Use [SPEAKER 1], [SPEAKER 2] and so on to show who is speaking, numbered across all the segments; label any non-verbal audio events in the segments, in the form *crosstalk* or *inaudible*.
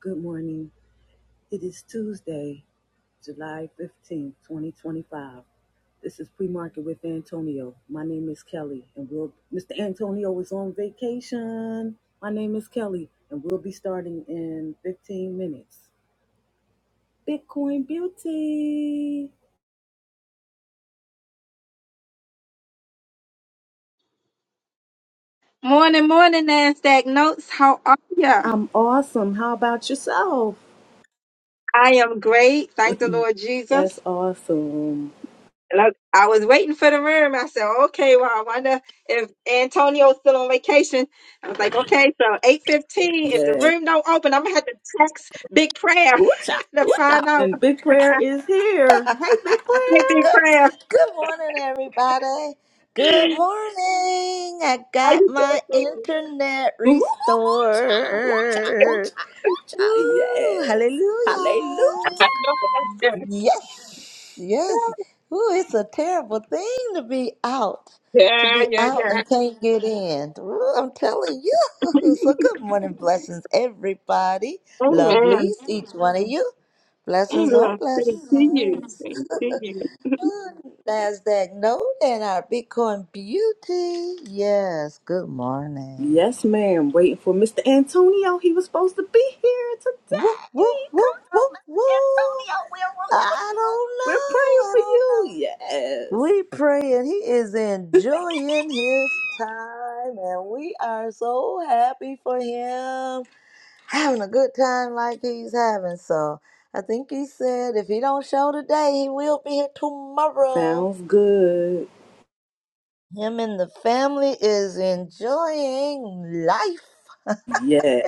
[SPEAKER 1] Good morning. It is Tuesday, July fifteenth, 2025. This is pre-market with Antonio. My name is Kelly and we'll Mr. Antonio is on vacation. My name is Kelly and we'll be starting in 15 minutes. Bitcoin beauty.
[SPEAKER 2] Morning, morning, NASDAQ Notes. How are ya?
[SPEAKER 1] I'm awesome. How about yourself?
[SPEAKER 2] I am great.
[SPEAKER 1] *laughs*
[SPEAKER 2] Thank the Lord
[SPEAKER 1] That's
[SPEAKER 2] Jesus.
[SPEAKER 1] awesome.
[SPEAKER 2] Look, I was waiting for the room. I said, okay, well, I wonder if Antonio's still on vacation. I was like, okay, so 8.15, if the
[SPEAKER 1] Yeah.
[SPEAKER 2] room don't open, I'm going to have to text Big Prayer
[SPEAKER 1] Ooh-cha,
[SPEAKER 2] *laughs* to
[SPEAKER 1] ooh-cha.
[SPEAKER 2] find out.
[SPEAKER 1] And Big Prayer is here.
[SPEAKER 3] good,
[SPEAKER 1] Hey, Big
[SPEAKER 2] *laughs* Hey,
[SPEAKER 1] Prayer.
[SPEAKER 2] Big Prayer.
[SPEAKER 3] good morning, everybody. Good morning. I
[SPEAKER 2] How
[SPEAKER 3] got
[SPEAKER 2] you doing?
[SPEAKER 3] my
[SPEAKER 2] sweetie?
[SPEAKER 3] internet
[SPEAKER 1] Ooh, ooh, ooh, child, ooh, child, ooh,
[SPEAKER 3] restored.
[SPEAKER 1] child,
[SPEAKER 2] *laughs*
[SPEAKER 1] ooh, child.
[SPEAKER 3] Woo!
[SPEAKER 1] Yes. Hallelujah.
[SPEAKER 3] Hallelujah.
[SPEAKER 2] I know that's good.
[SPEAKER 3] Yes, yes. Ooh, it's a terrible thing to be out, to
[SPEAKER 2] Yeah,
[SPEAKER 3] be
[SPEAKER 2] yeah,
[SPEAKER 3] out
[SPEAKER 2] yeah.
[SPEAKER 3] and can't get in. Ooh, I'm telling you. *laughs*
[SPEAKER 2] *laughs*
[SPEAKER 3] So, good morning, blessings, everybody. Lovelies,
[SPEAKER 2] Amen.
[SPEAKER 3] each one of you. Blessings on
[SPEAKER 2] Amen. Thank you.
[SPEAKER 3] blessings.
[SPEAKER 2] Thank you.
[SPEAKER 3] Nasdaq note and our Bitcoin beauty. Yes, good morning.
[SPEAKER 1] Yes, ma'am. Waiting for Mr. Antonio. He was supposed to be here
[SPEAKER 3] Woo, woo,
[SPEAKER 1] today. Come
[SPEAKER 3] woo, woo,
[SPEAKER 1] through, Mr.
[SPEAKER 3] woo.
[SPEAKER 1] Antonio. We're rooting for
[SPEAKER 3] I
[SPEAKER 1] you. We're
[SPEAKER 3] don't know.
[SPEAKER 1] praying
[SPEAKER 3] I
[SPEAKER 1] for
[SPEAKER 3] don't
[SPEAKER 1] you.
[SPEAKER 3] know.
[SPEAKER 1] Yes.
[SPEAKER 3] We praying he is enjoying his time, and we are so happy for him having a good time like he's having. So I think he said if he don't show today, he will be here tomorrow.
[SPEAKER 1] Sounds good.
[SPEAKER 3] Him and the family is enjoying life.
[SPEAKER 1] Yeah.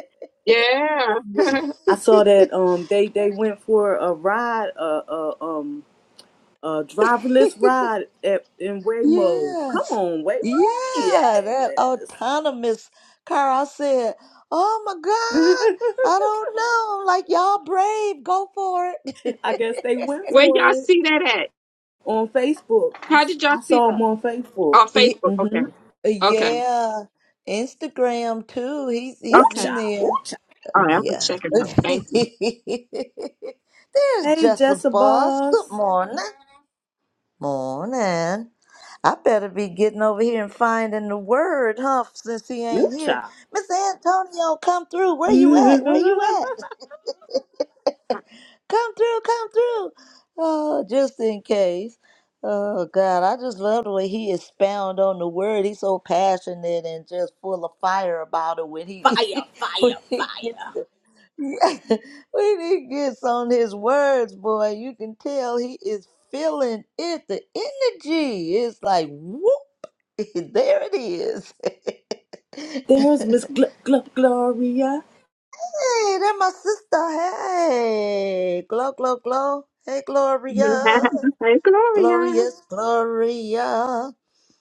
[SPEAKER 2] Yeah.
[SPEAKER 3] *laughs*
[SPEAKER 2] *laughs*
[SPEAKER 1] I saw that um they they went for a ride, uh, uh um a driverless ride at in Waymo. Come
[SPEAKER 3] yes.
[SPEAKER 1] on, Waymo.
[SPEAKER 3] Yeah, that
[SPEAKER 1] Yes.
[SPEAKER 3] autonomous car. I said, oh my
[SPEAKER 1] *laughs* I
[SPEAKER 3] God, I don't know. Like, y'all brave, go for it.
[SPEAKER 1] guess they went
[SPEAKER 2] Where y'all
[SPEAKER 1] for it
[SPEAKER 2] see that at?
[SPEAKER 1] on Facebook. I,
[SPEAKER 2] How
[SPEAKER 1] s-
[SPEAKER 2] did y'all
[SPEAKER 1] I
[SPEAKER 2] see
[SPEAKER 1] saw them
[SPEAKER 2] that?
[SPEAKER 1] on Facebook.
[SPEAKER 2] On
[SPEAKER 3] *laughs* He-
[SPEAKER 2] Facebook. Okay.
[SPEAKER 1] Mm-hmm.
[SPEAKER 2] Okay.
[SPEAKER 3] yeah. Instagram too. He's
[SPEAKER 1] Ooh
[SPEAKER 3] he's
[SPEAKER 2] Okay.
[SPEAKER 3] in
[SPEAKER 1] cha, ooh
[SPEAKER 3] there.
[SPEAKER 1] cha.
[SPEAKER 2] All right. I'm going to
[SPEAKER 3] Yeah.
[SPEAKER 2] check it out. Thank you.
[SPEAKER 3] *laughs* There's
[SPEAKER 1] Hey,
[SPEAKER 3] Jessica
[SPEAKER 1] Jessa
[SPEAKER 3] Boss. Good
[SPEAKER 1] Boss.
[SPEAKER 3] morning. Morning. I better be getting over here and finding the word, huh? Since he
[SPEAKER 1] Ooh
[SPEAKER 3] ain't here,
[SPEAKER 1] cha.
[SPEAKER 3] Miss Antonio, come through.
[SPEAKER 1] *laughs*
[SPEAKER 3] Where you
[SPEAKER 1] fire,
[SPEAKER 3] at? Where you at? *laughs* Come through, come through. Oh, just in case. Oh God, I just love the way he expound on the word. He's so passionate and just full of fire about it when he *laughs* when
[SPEAKER 1] fire,
[SPEAKER 3] he
[SPEAKER 1] fire.
[SPEAKER 3] gets the, *laughs* when he gets on his words, boy. You can tell he is feeling it. The energy is like whoop. *laughs* there it is. *laughs* hey,
[SPEAKER 1] There's Miss Gl- Gl- Gloria.
[SPEAKER 3] that my sister. Hey, glow, glow, glow. Hey,
[SPEAKER 2] *laughs*
[SPEAKER 3] Gloria.
[SPEAKER 2] hey, Gloria.
[SPEAKER 3] Glorious, Gloria.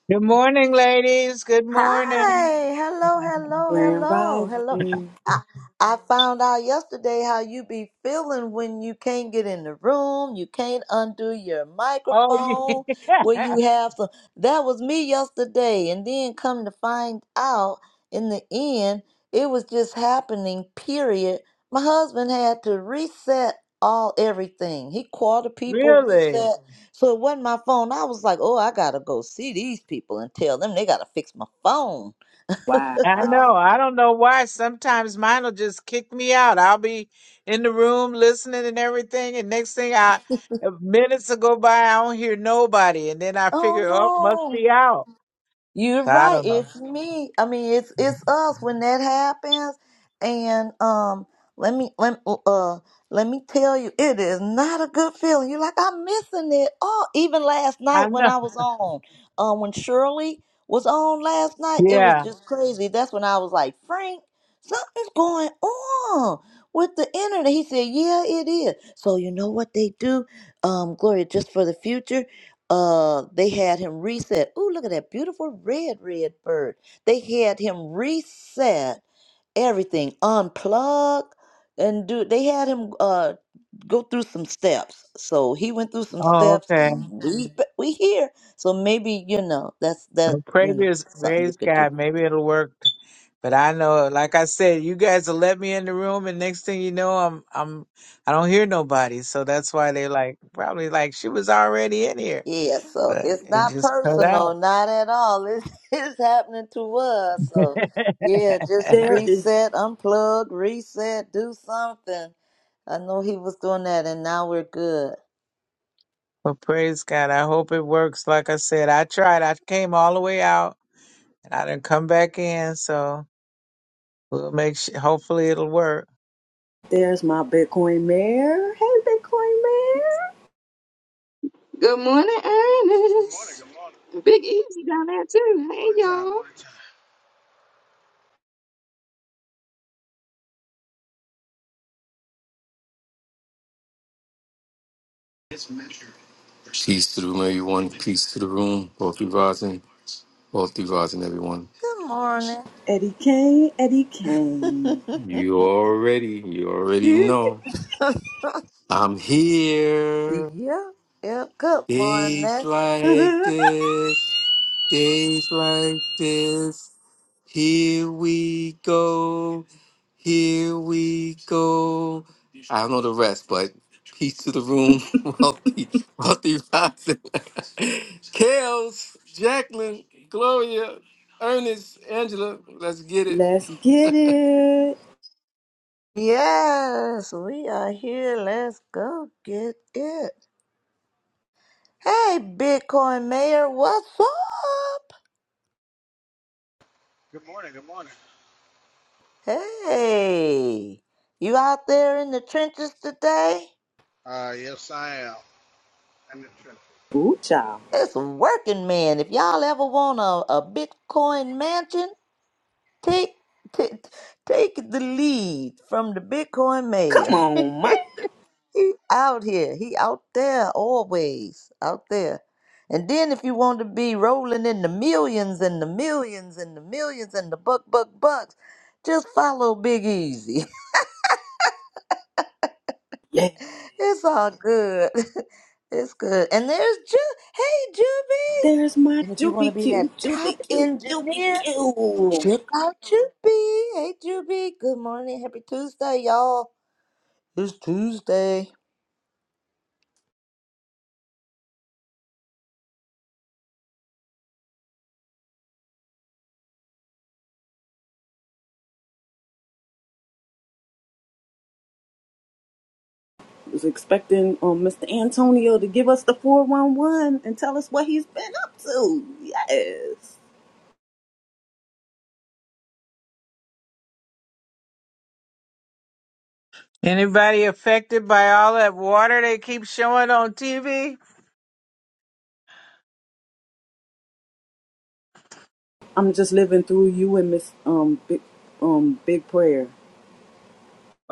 [SPEAKER 4] Good morning, ladies. Good morning.
[SPEAKER 3] Hi, hello, hello,
[SPEAKER 1] Grand
[SPEAKER 3] hello, hello.
[SPEAKER 1] Rising.
[SPEAKER 3] I, I found out yesterday how you be feeling when you can't get in the room, you can't undo your
[SPEAKER 4] Oh,
[SPEAKER 3] microphone, where
[SPEAKER 4] *laughs* yeah.
[SPEAKER 3] you have to. That was me yesterday, and then come to find out in the end, it was just happening. Period. My husband had to reset all everything. He called the people,
[SPEAKER 4] really?
[SPEAKER 3] reset. So it wasn't my phone. I was like, oh, I gotta go see these people and tell them they gotta fix my phone.
[SPEAKER 4] I
[SPEAKER 1] Wow.
[SPEAKER 4] know. I don't know why. Sometimes mine will just kick me out. I'll be in the room listening and everything, and next thing I uh, minutes will go by, I don't hear nobody, and then I
[SPEAKER 3] Oh
[SPEAKER 4] figure, oh, must
[SPEAKER 3] no.
[SPEAKER 4] be out.
[SPEAKER 3] You're
[SPEAKER 4] So I
[SPEAKER 3] right.
[SPEAKER 4] don't know.
[SPEAKER 3] It's me. I mean, it's it's us when that happens. And um, let me let uh uh, let me tell you, it is not a good feeling. You're like I'm missing it. Oh, even last
[SPEAKER 4] I
[SPEAKER 3] night when
[SPEAKER 4] know.
[SPEAKER 3] I was on, um, when Shirley was on last night, it was
[SPEAKER 4] Yeah.
[SPEAKER 3] just crazy. That's when I was like, Frank, something's going on with the internet. He said, Yeah, it is. So you know what they do, um, Gloria, just for the future uh they had him reset ooh look at that beautiful red red bird they had him reset everything unplug and do they had him uh go through some steps so he went through some
[SPEAKER 4] Oh,
[SPEAKER 3] steps
[SPEAKER 4] okay.
[SPEAKER 3] and we we here so maybe you know that's that
[SPEAKER 4] No
[SPEAKER 3] you know
[SPEAKER 4] previous,
[SPEAKER 3] something you
[SPEAKER 4] praise
[SPEAKER 3] could do
[SPEAKER 4] God. Maybe it'll work. But I know, like I said, you guys will let me in the room, and next thing you know, I'm, I'm, I don't hear nobody. So that's why they like probably like she was already in here,
[SPEAKER 3] Yeah, so
[SPEAKER 4] but
[SPEAKER 3] it's
[SPEAKER 4] it
[SPEAKER 3] not
[SPEAKER 4] just cut out.
[SPEAKER 3] personal, not at all. It's *laughs* it's happening to us.
[SPEAKER 4] *laughs*
[SPEAKER 3] So yeah, just
[SPEAKER 1] There is,
[SPEAKER 3] reset, unplug, reset, do something. I know he was doing that and now we're good.
[SPEAKER 4] well, praise God. I hope it works. Like I said, I tried. I came all the way out, and I didn't come back in. So we'll make sure. Hopefully, it'll work.
[SPEAKER 1] there's my Bitcoin Mayor. Hey, Bitcoin Mayor.
[SPEAKER 2] Good morning,
[SPEAKER 5] Good morning,
[SPEAKER 2] Ernest.
[SPEAKER 5] good morning.
[SPEAKER 2] Big Easy down there, too.
[SPEAKER 5] Morning
[SPEAKER 2] Hey,
[SPEAKER 5] time,
[SPEAKER 2] y'all.
[SPEAKER 5] morning time.
[SPEAKER 6] Peace to the room, everyone. Peace to the room. Wealthy rising. Wealthy rising, everyone.
[SPEAKER 3] Good morning.
[SPEAKER 1] Eddie Kane, Eddie Kane.
[SPEAKER 6] You already, you already know.
[SPEAKER 3] *laughs*
[SPEAKER 6] I'm here.
[SPEAKER 3] yeah, yeah, good
[SPEAKER 6] Days
[SPEAKER 3] morning.
[SPEAKER 6] like
[SPEAKER 1] *laughs*
[SPEAKER 6] this. Days like this, here we go, here we go. I don't know the rest, but peace to the room, *laughs* wealthy, wealthy rising. *laughs* Kels, Jacqueline, Gloria, Ernest, Angela, let's get it.
[SPEAKER 1] Let's get
[SPEAKER 6] *laughs*
[SPEAKER 1] it.
[SPEAKER 3] Yes, we are here. Let's go get it. Hey, Bitcoin Mayor, what's up?
[SPEAKER 5] Good morning, good morning.
[SPEAKER 3] Hey, you out there in the trenches today?
[SPEAKER 5] Uh, yes, I am. I'm the trip.
[SPEAKER 1] Ooh
[SPEAKER 3] It's working, man. If y'all ever want a, a Bitcoin mansion, take, take take the lead from the Bitcoin
[SPEAKER 1] Come
[SPEAKER 3] mayor. *laughs*
[SPEAKER 1] on, Mike.
[SPEAKER 3] he out here. He out there always out there. And then if you want to be rolling in the millions and the millions and the millions and the buck buck bucks, just follow Big Easy. *laughs*
[SPEAKER 1] Yeah,
[SPEAKER 3] It's all good. *laughs* It's good. And there's Ju. Hey, Juby.
[SPEAKER 1] there's my
[SPEAKER 3] And if you want to
[SPEAKER 1] Juby
[SPEAKER 3] be that
[SPEAKER 1] Q,
[SPEAKER 3] top
[SPEAKER 1] Juby Q, Juby
[SPEAKER 3] engineer,
[SPEAKER 1] Q.
[SPEAKER 3] check out Juby. Hey, Juby. Good morning. Happy Tuesday, y'all. It's Tuesday.
[SPEAKER 1] Was expecting um, Mr. Antonio to give us the 411 and tell us what he's been up to. Yes.
[SPEAKER 4] Anybody affected by all that water they keep showing on TV?
[SPEAKER 1] I'm just living through you and Miss um big um big prayer.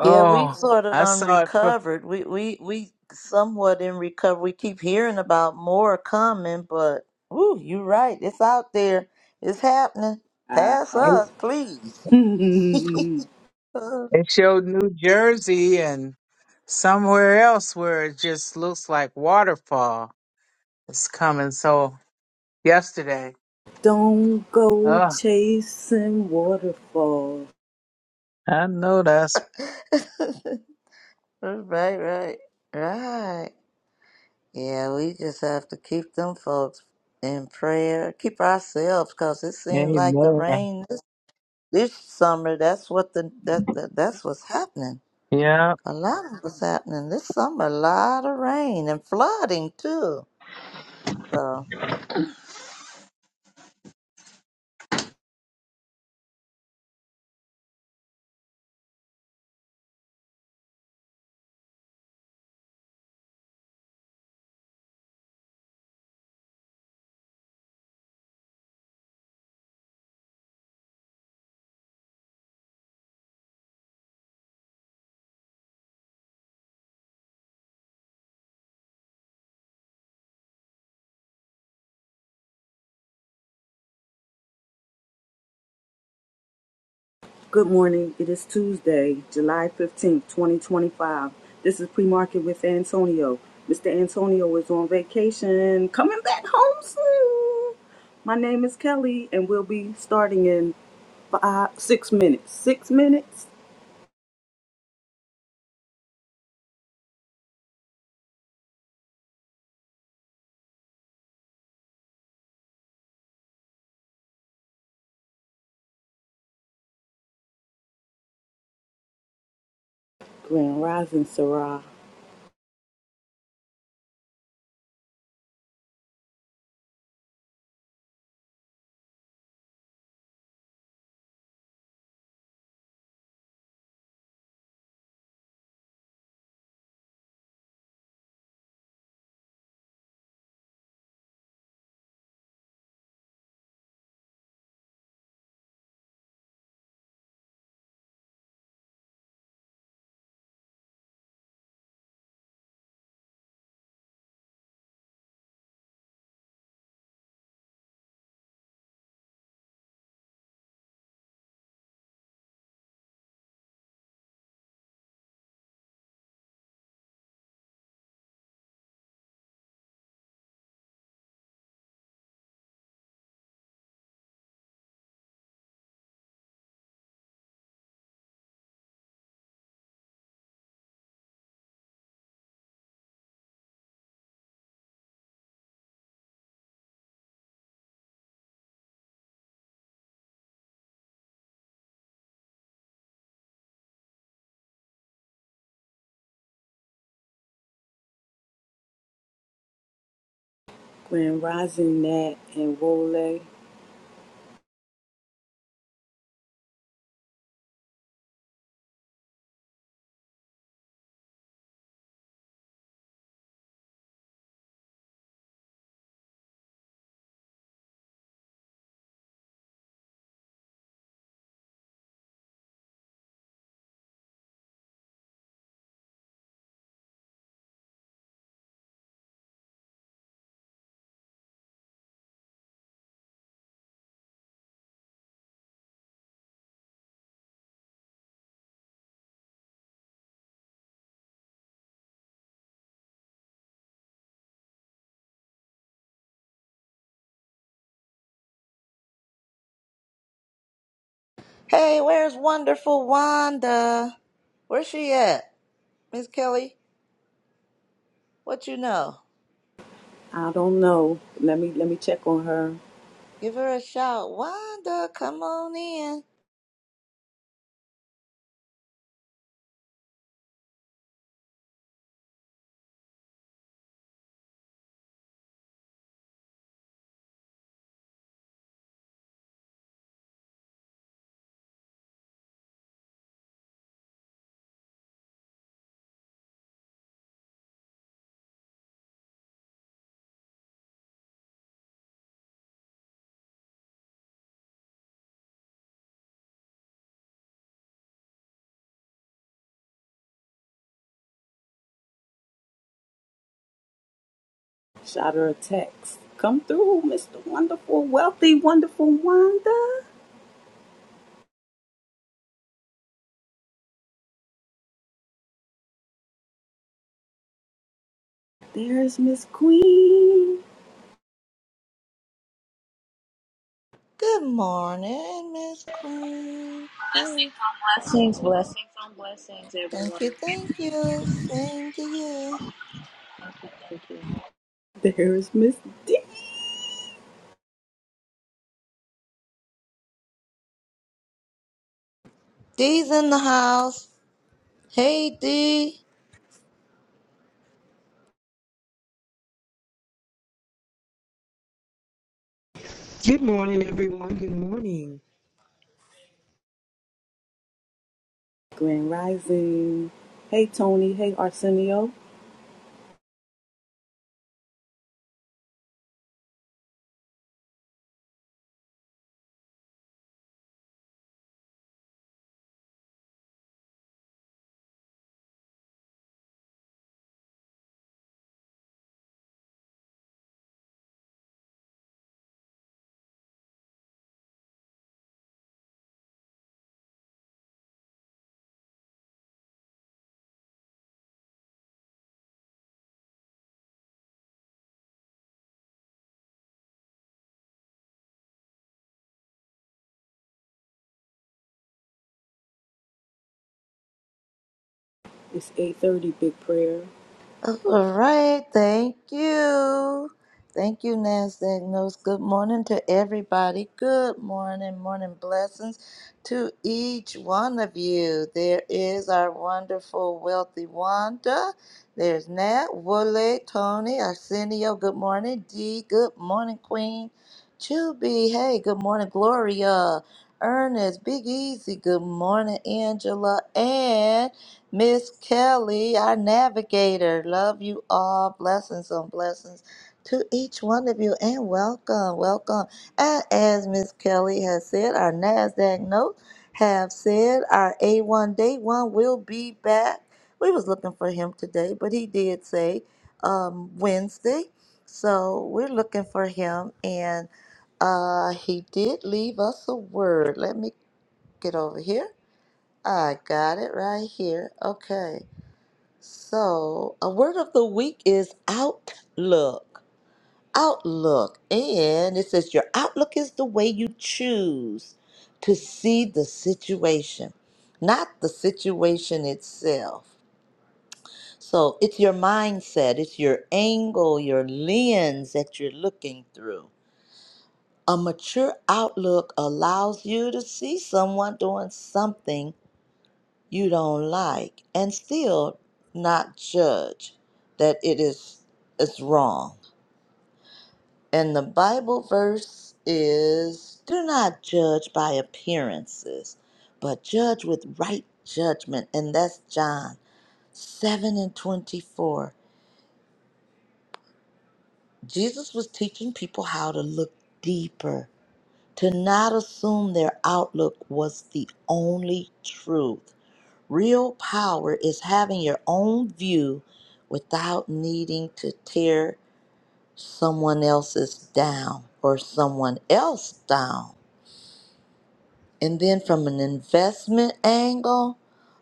[SPEAKER 3] Yeah, we sort of
[SPEAKER 4] I
[SPEAKER 3] done
[SPEAKER 4] saw it.
[SPEAKER 3] recovered. We we we somewhat in recovery. We keep hearing about more coming, but ooh, you're right. It's out there. It's happening. Pass
[SPEAKER 4] They
[SPEAKER 1] Ow.
[SPEAKER 3] us, please.
[SPEAKER 1] *laughs*
[SPEAKER 3] *laughs*
[SPEAKER 4] they showed New Jersey and somewhere else where it just looks like waterfall is coming. So yesterday,
[SPEAKER 1] Don't go
[SPEAKER 4] oh,
[SPEAKER 1] chasing waterfalls.
[SPEAKER 4] I know that's
[SPEAKER 3] Right, right, right. Yeah, we just have to keep them folks in prayer. Keep ourselves, cause it seems like the
[SPEAKER 4] amen.
[SPEAKER 3] rain this, this summer. That's what the that, that that's what's happening.
[SPEAKER 4] Yeah,
[SPEAKER 3] A lot of what's happening this summer. A lot of rain and flooding too. So,
[SPEAKER 1] Good morning. It is Tuesday, July 15th, 2025. This is pre-market with Antonio. Mr. Antonio is on vacation, coming back home soon. My name is Kelly, and we'll be starting in five, six minutes. Six minutes. Grand Rising Sarah, Grand Rising Nat, and Wole.
[SPEAKER 3] hey, where's wonderful Wanda? Where's she at, Miss Kelly? What you know?
[SPEAKER 1] I don't know. Let me let me check on her.
[SPEAKER 3] Give her a shout, Wanda. Come on in.
[SPEAKER 1] Shot her a text. Come through, Mr. Wonderful, Wealthy, Wonderful Wanda. There's Miss Queen.
[SPEAKER 3] Good morning, Miss Queen. Hey,
[SPEAKER 7] Blessings on blessings, blessings on blessings, everyone.
[SPEAKER 3] thank you, thank you. Same to you.
[SPEAKER 7] Thank you.
[SPEAKER 1] There's Miss D.
[SPEAKER 3] Dee's in the house. Hey, Dee.
[SPEAKER 8] Good morning, everyone. Good morning.
[SPEAKER 1] Grand Rising. Hey Tony. Hey Arsenio. It's 8:30. Big prayer.
[SPEAKER 3] All right, thank you. Thank you, NASDAQ Notes. Good morning to everybody. Good morning, morning blessings to each one of you. There is our wonderful, wealthy Wanda. There's Nat, Woolley, Tony, Arsenio. Good morning, Dee. Good morning, Queen. Chubby, hey, good morning, Gloria. Ernest, Big Easy, good morning, Angela. and. Miss Kelly, our navigator. Love you all. Blessings on blessings to each one of you and welcome, welcome. And as Miss Kelly has said, our NASDAQ notes have said our A1 day one will be back. We was looking for him today, but he did say um, Wednesday. So we're looking for him and uh, he did leave us a word. Let me get over here. I got it right here. Okay. So, a word of the week is outlook. Outlook. And it says your outlook is the way you choose to see the situation, not the situation itself. So, it's your mindset, it's your angle, your lens that you're looking through. A mature outlook allows you to see someone doing something you don't like and still not judge that it is is wrong. And the Bible verse is do not judge by appearances, but judge with right judgment. And that's John 7 and 24. Jesus was teaching people how to look deeper, to not assume their outlook was the only truth. Real power is having your own view without needing to tear someone else's down or someone else down. And then from an investment angle,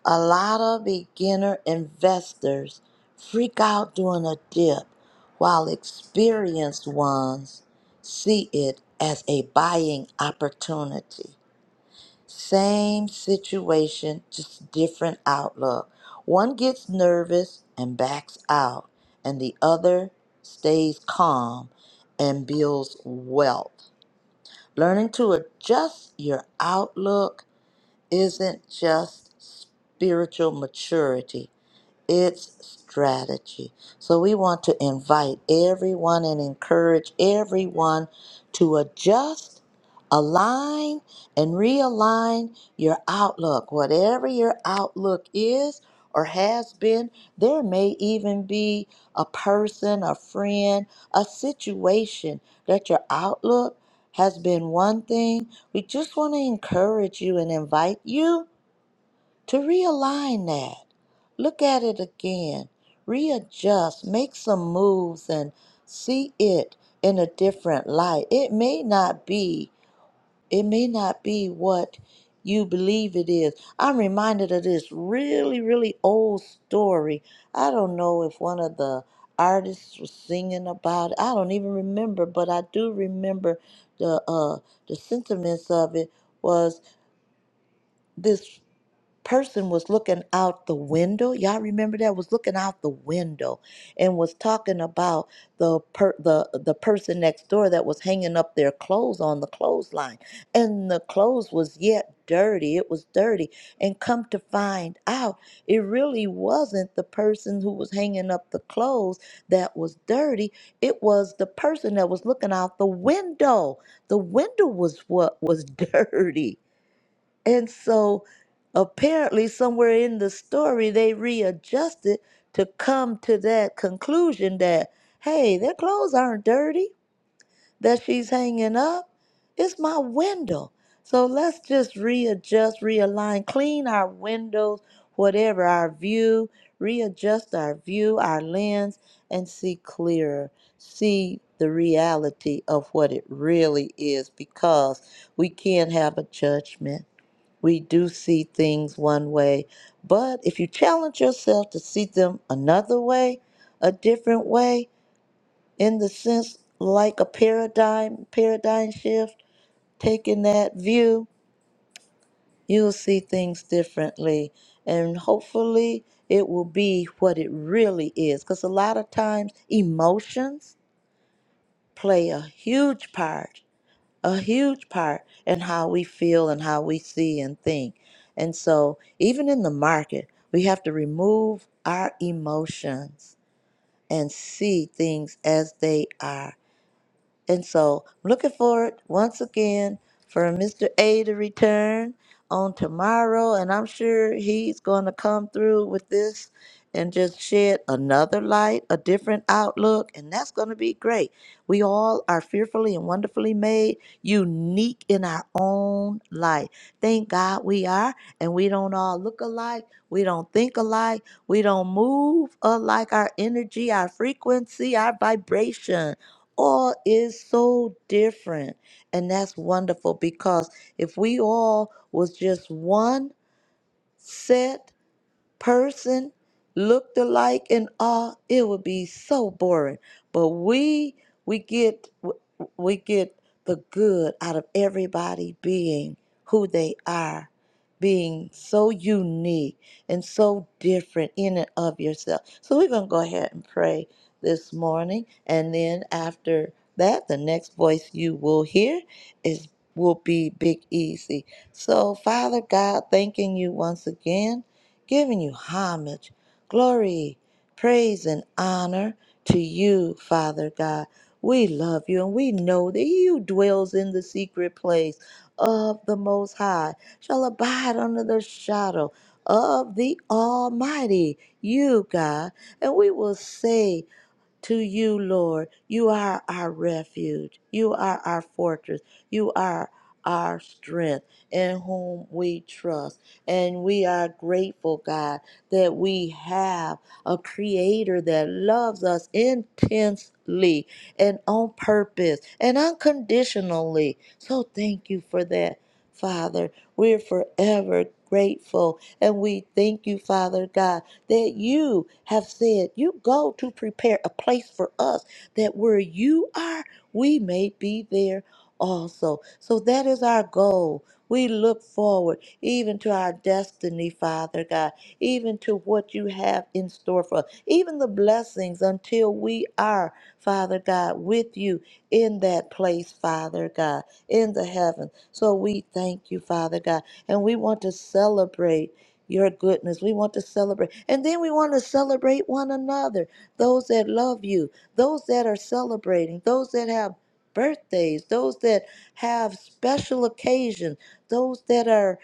[SPEAKER 3] a lot of beginner investors freak out during a dip while experienced ones see it as a buying opportunity. Same situation, just different outlook. One gets nervous and backs out, and the other stays calm and builds wealth. Learning to adjust your outlook isn't just spiritual maturity, it's strategy. So we want to invite everyone and encourage everyone to adjust, align, and realign your outlook. Whatever your outlook is or has been, there may even be a person, a friend, a situation that your outlook has been one thing. We just want to encourage you and invite you to realign that. Look at it again, readjust, make some moves, and see it in a different light. It may not be, it may not be what you believe it is. I'm reminded of this really, really old story. I don't know if one of the artists was singing about it. I don't even remember, but I do remember the uh the sentiments of it was this person was looking out the window. Y'all remember that was looking out the window and was talking about the per, the the person next door that was hanging up their clothes on the clothesline, and the clothes was yet dirty. It was dirty, and come to find out, it really wasn't the person who was hanging up the clothes that was dirty. It was the person that was looking out the window. The window was what was *laughs* dirty and so apparently, somewhere in the story, they readjusted to come to that conclusion that, hey, their clothes aren't dirty that she's hanging up. It's my window. So let's just readjust, realign, clean our windows, whatever our view, readjust our view, our lens, and see clearer. See the reality of what it really is because we can't have a judgment we do see things one way. But if you challenge yourself to see them another way, a different way, in the sense like a paradigm, paradigm shift, taking that view, you'll see things differently. And hopefully it will be what it really is. Because a lot of times emotions play a huge part a huge part in how we feel and how we see and think. And so, even in the market, we have to remove our emotions and see things as they are and so, I'm looking forward once again for Mr. A to return on tomorrow. And I'm sure he's going to come through with this and just shed another light, a different outlook. And that's going to be great. We all are fearfully and wonderfully made, unique in our own light. Thank God we are. And we don't all look alike. We don't think alike. We don't move alike. Our energy, our frequency, our vibration all is so different and that's wonderful because if we all was just one set person looked alike and all it would be so boring but we we get we get the good out of everybody being who they are being so unique and so different in and of yourself so we're going to go ahead and pray this morning and then after that the next voice you will hear is will be big easy so father god thanking you once again giving you homage, glory, praise, and honor to you, Father God. We love you and we know that he who dwells in the secret place of the Most High shall abide under the shadow of the Almighty, you, God. And we will say, to you, Lord. You are our refuge. You are our fortress. You are our strength in whom we trust. And we are grateful, God, that we have a creator that loves us intensely and on purpose and unconditionally. So thank you for that, Father. We're forever grateful. And we thank you, Father God that you have said, You go to prepare a place for us, that where you are, we may be there also. So that is our goal. We look forward even to our destiny, Father God, even to what you have in store for us, even the blessings until we are, Father God, with you in that place, Father God, in the heaven. So we thank you, Father God, and we want to celebrate your goodness. We want to celebrate. And then we want to celebrate one another those that love you, those that are celebrating, those that have birthdays, those that have special occasions, those that are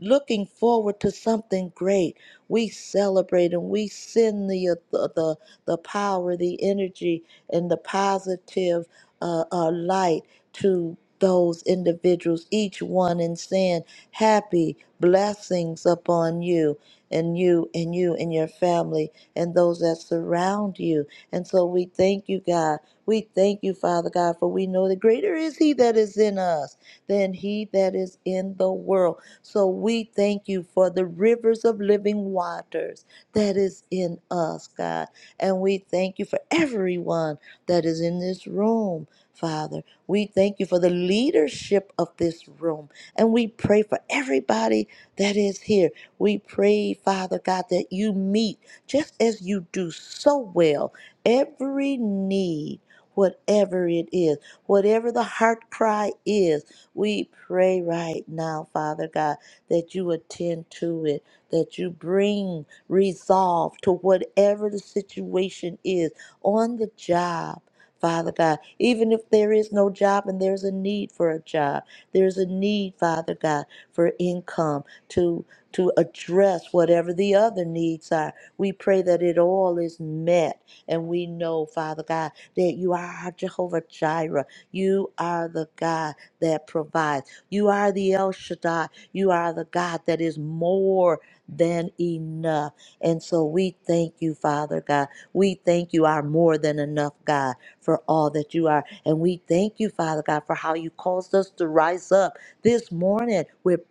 [SPEAKER 3] looking forward to something great. We celebrate and we send the, uh, the, the, the power, the energy, and the positive uh, uh, light to those individuals, each one in sin happy blessings upon you and you and you and your family and those that surround you. And so we thank you, God. We thank you, Father God, for we know that greater is He that is in us than He that is in the world. So we thank you for the rivers of living waters that is in us, God. And we thank you for everyone that is in this room, Father. We thank you for the leadership of this room. And we pray for everybody that is here. We pray, Father God, that you meet just as you do so well every need. Whatever it is, whatever the heart cry is, we pray right now, Father God, that you attend to it, that you bring resolve to whatever the situation is on the job, Father God. Even if there is no job and there's a need for a job, there's a need, Father God, for income to to address whatever the other needs are. We pray that it all is met and we know, Father God, that you are our Jehovah Jireh. You are the God that provides. You are the El Shaddai. You are the God that is more than enough. And so we thank you, Father God. We thank you, our more than enough God for all that you are. And we thank you, Father God, for how you caused us to rise up this morning with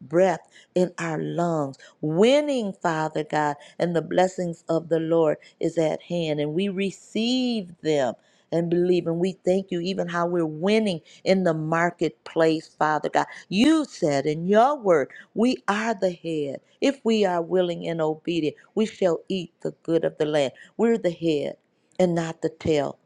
[SPEAKER 3] breath in our lungs, winning, Father God, and the blessings of the Lord is at hand. And we receive them and believe. And we thank you, even how we're winning in the marketplace, Father God. You said in your word, we are the head. If we are willing and obedient, we shall eat the good of the land. We're the head and not the tail.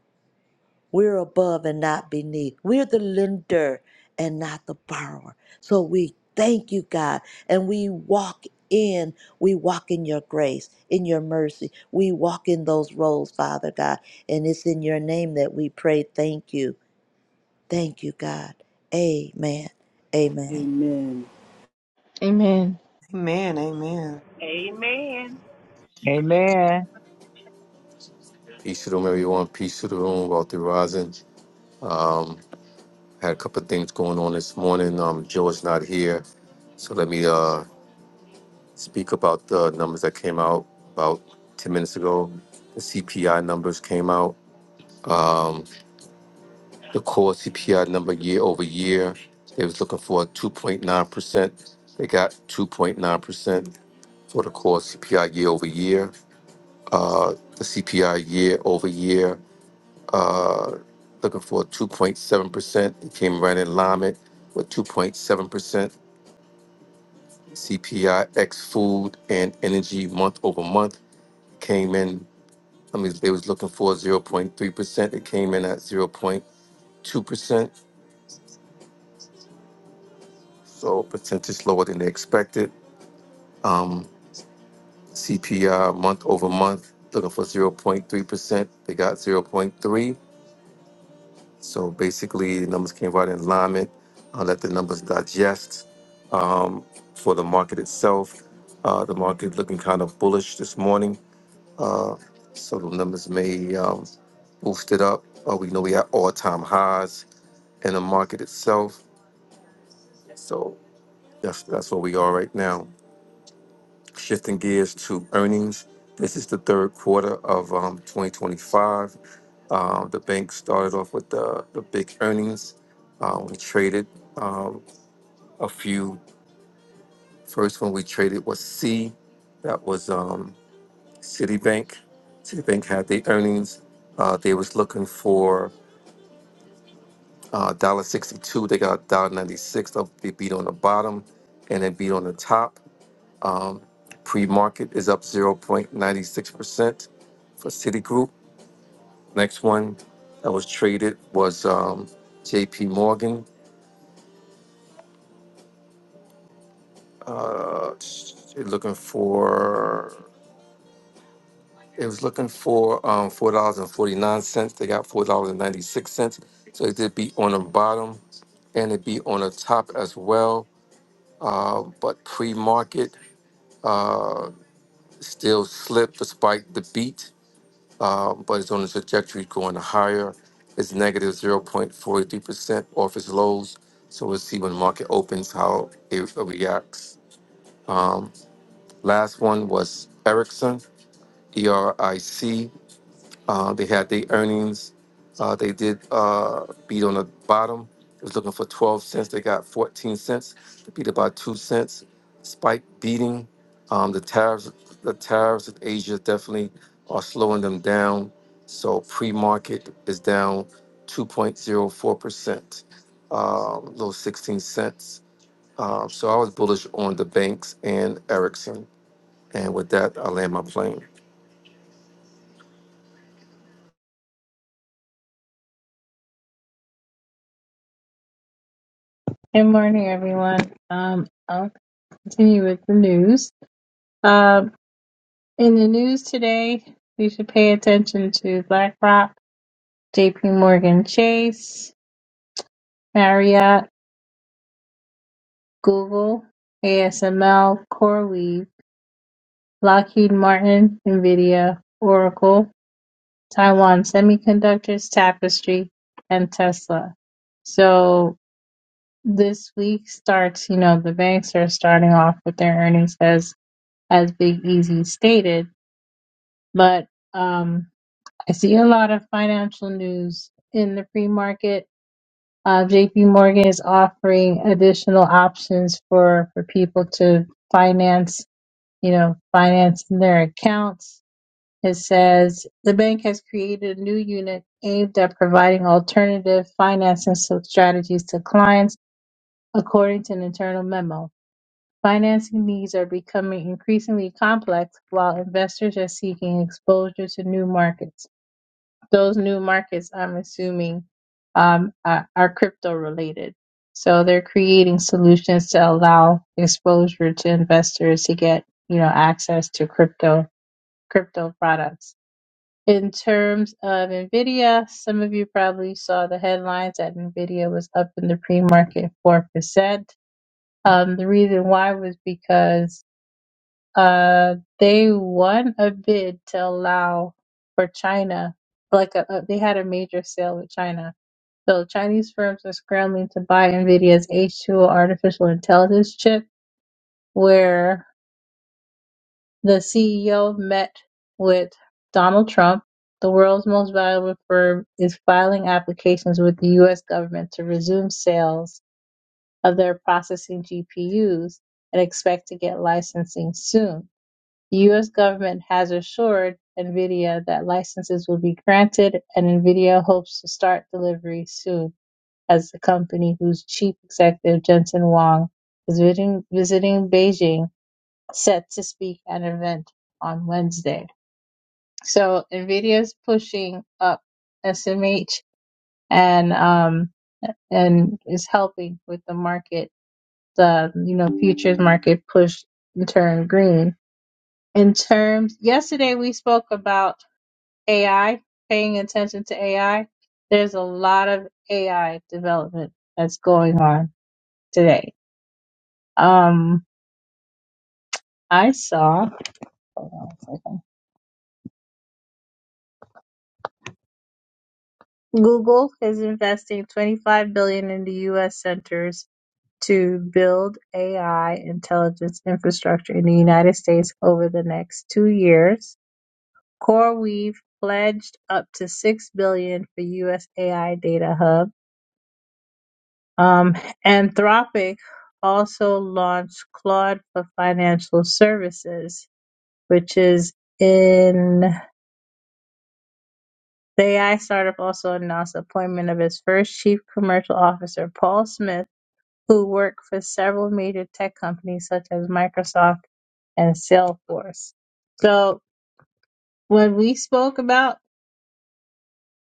[SPEAKER 3] We're above and not beneath. We're the lender and not the borrower. So we thank you, God, and we walk in. We walk in your grace, in your mercy. We walk in those roles, Father God. And it's in your name that we pray. Thank you. Thank you, God. Amen. Amen.
[SPEAKER 1] Amen.
[SPEAKER 2] Amen.
[SPEAKER 8] Amen, amen.
[SPEAKER 9] Amen.
[SPEAKER 4] amen.
[SPEAKER 6] peace to the room, everyone. Peace to the room, wealthy rising. Um, had a couple of things going on this morning. Um, Joe is not here, so let me uh. speak about the numbers that came out about 10 minutes ago. The CPI numbers came out. Um, the core CPI number year over year, they was looking for 2.9%. They got 2.9% for the core CPI year over year. Uh, the CPI year over year, uh, looking for 2.7%. It came right in alignment with 2.7%. CPI ex food and energy month over month came in I mean, they was looking for 0.3%. It came in at 0.2%, so percentage lower than they expected. Um, CPI month over month, looking for 0.3%. They got zero point 0.3. So basically, the numbers came right in alignment. I'll let the numbers digest. Um, for the market itself, uh, the market looking kind of bullish this morning. Uh, so the numbers may um, boost it up. Uh, we know we had all-time highs in the market itself. So that's that's where we are right now. Shifting gears to earnings. This is the third quarter of um, 2025. Uh, the bank started off with the, the big earnings. Uh, we traded um, a few. First one we traded was C. That was um, Citibank. Citibank had the earnings. Uh, they was looking for uh, dollar 62. They got dollar 96. They beat on the bottom and they beat on the top. Um, Pre market is up 0.96% for Citigroup. Next one that was traded was um, JP Morgan. Uh, it looking for it was looking for um, four dollars and forty nine cents. They got four dollars and ninety six cents. So it did be on the bottom, and it be on the top as well. Uh, but pre market uh, still slipped despite the beat. um, but it's on a trajectory going higher. It's 0.43% off its lows. So we'll see when the market opens how it reacts. Um, last one was Ericsson, E R I C. Uh, they had their earnings. Uh, they did uh, beat on the bottom. It was looking for 12 cents. They got 14 cents. They beat about two cents. Spike beating um, the tariffs. The tariffs in Asia definitely are slowing them down. So pre-market is down 2.04 percent, A little 16 cents. Um, so I was bullish on the banks and Ericsson. And with that, I land my plane.
[SPEAKER 10] Good morning, everyone. Um, I'll continue with the news. Um, in the news today, we should pay attention to BlackRock, JP Morgan Chase, Marriott, Google, ASML, CoreWeave, Lockheed Martin, NVIDIA, Oracle, Taiwan Semiconductors, Tapestry, and Tesla. So this week starts, you know, the banks are starting off with their earnings as as Big Easy stated but um, I see a lot of financial news in the free market. Uh, JP Morgan is offering additional options for, for people to finance, you know, finance their accounts. It says the bank has created a new unit aimed at providing alternative financing so- strategies to clients, according to an internal memo. Financing needs are becoming increasingly complex while investors are seeking exposure to new markets. those new markets, I'm assuming, um, are, are crypto related. So they're creating solutions to allow exposure to investors to get, you know, access to crypto crypto products. In terms of Nvidia, some of you probably saw the headlines that Nvidia was up in the pre-market four percent. Um, the reason why was because uh, they won a bid to allow for China, like a, a, they had a major sale with China. So Chinese firms are scrambling to buy Nvidia's H2O artificial intelligence chip, where the CEO met with Donald Trump. The world's most valuable firm is filing applications with the U.S. government to resume sales of their processing GPUs and expect to get licensing soon. The U.S. government has assured NVIDIA that licenses will be granted, and NVIDIA hopes to start delivery soon as the company, whose chief executive, Jensen Huang, is visiting, visiting Beijing, set to speak at an event on Wednesday. So NVIDIA is pushing up SMH and um, and is helping with the market, the you know futures market push and turn green. In terms, yesterday we spoke about AI, paying attention to AI. There's a lot of AI development that's going on today. Um, I saw hold on a second. Google is investing 25 billion in the U.S. centers to build AI intelligence infrastructure in the United States over the next two years. CoreWeave pledged up to 6 billion for U.S. AI data hub Um, Anthropic also launched Claude for Financial Services, which is in the AI startup also announced the appointment of its first chief commercial officer, Paul Smith, who worked for several major tech companies such as Microsoft and Salesforce. So when we spoke about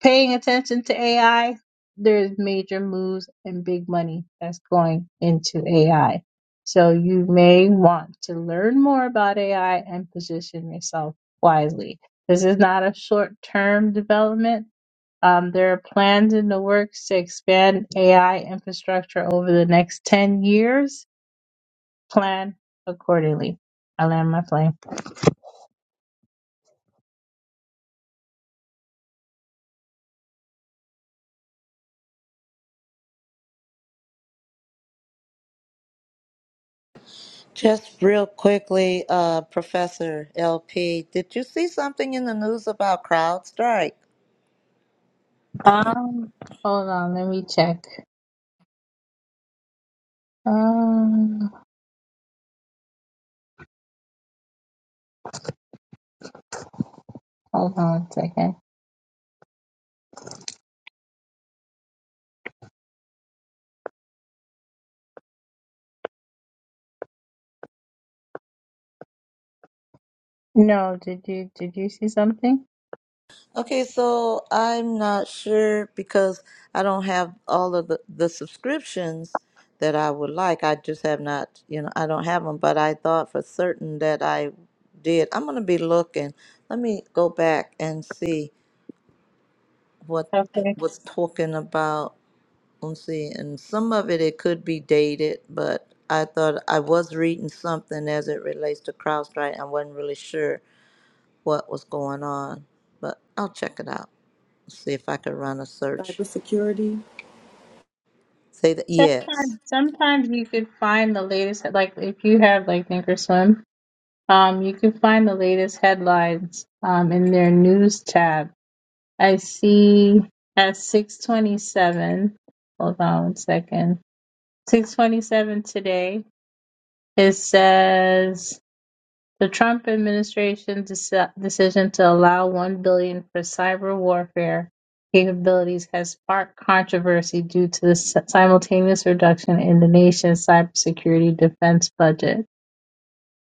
[SPEAKER 10] paying attention to AI, there's major moves and big money that's going into AI. So you may want to learn more about AI and position yourself wisely. This is not a short term development. Um, there are plans in the works to expand AI infrastructure over the next 10 years plan accordingly. I land my plane.
[SPEAKER 3] Just real quickly, uh, Professor LP, did you see something in the news about CrowdStrike?
[SPEAKER 10] Um, hold on, let me check. Um, hold on a second. No, did you did you see something?
[SPEAKER 3] Okay, so I'm not sure because I don't have all of the, the subscriptions that I would like. I just have not, you know, I don't have them, but I thought for certain that I did. I'm going to be looking. Let me go back and see what
[SPEAKER 10] Okay.
[SPEAKER 3] was talking about. Let's see. And some of it, it could be dated, but I thought I was reading something as it relates to CrowdStrike. I wasn't really sure what was going on, but I'll check it out. See if I could run a search.
[SPEAKER 1] Cybersecurity.
[SPEAKER 3] Say that, yes.
[SPEAKER 10] Sometimes sometimes you could find the latest like if you have like Thinkorswim, um, you can find the latest headlines um in their news tab. I see at 627, hold on one second. 627 today, it says the Trump administration deci- decision to allow 1 billion for cyber warfare capabilities has sparked controversy due to the si- simultaneous reduction in the nation's cybersecurity defense budget.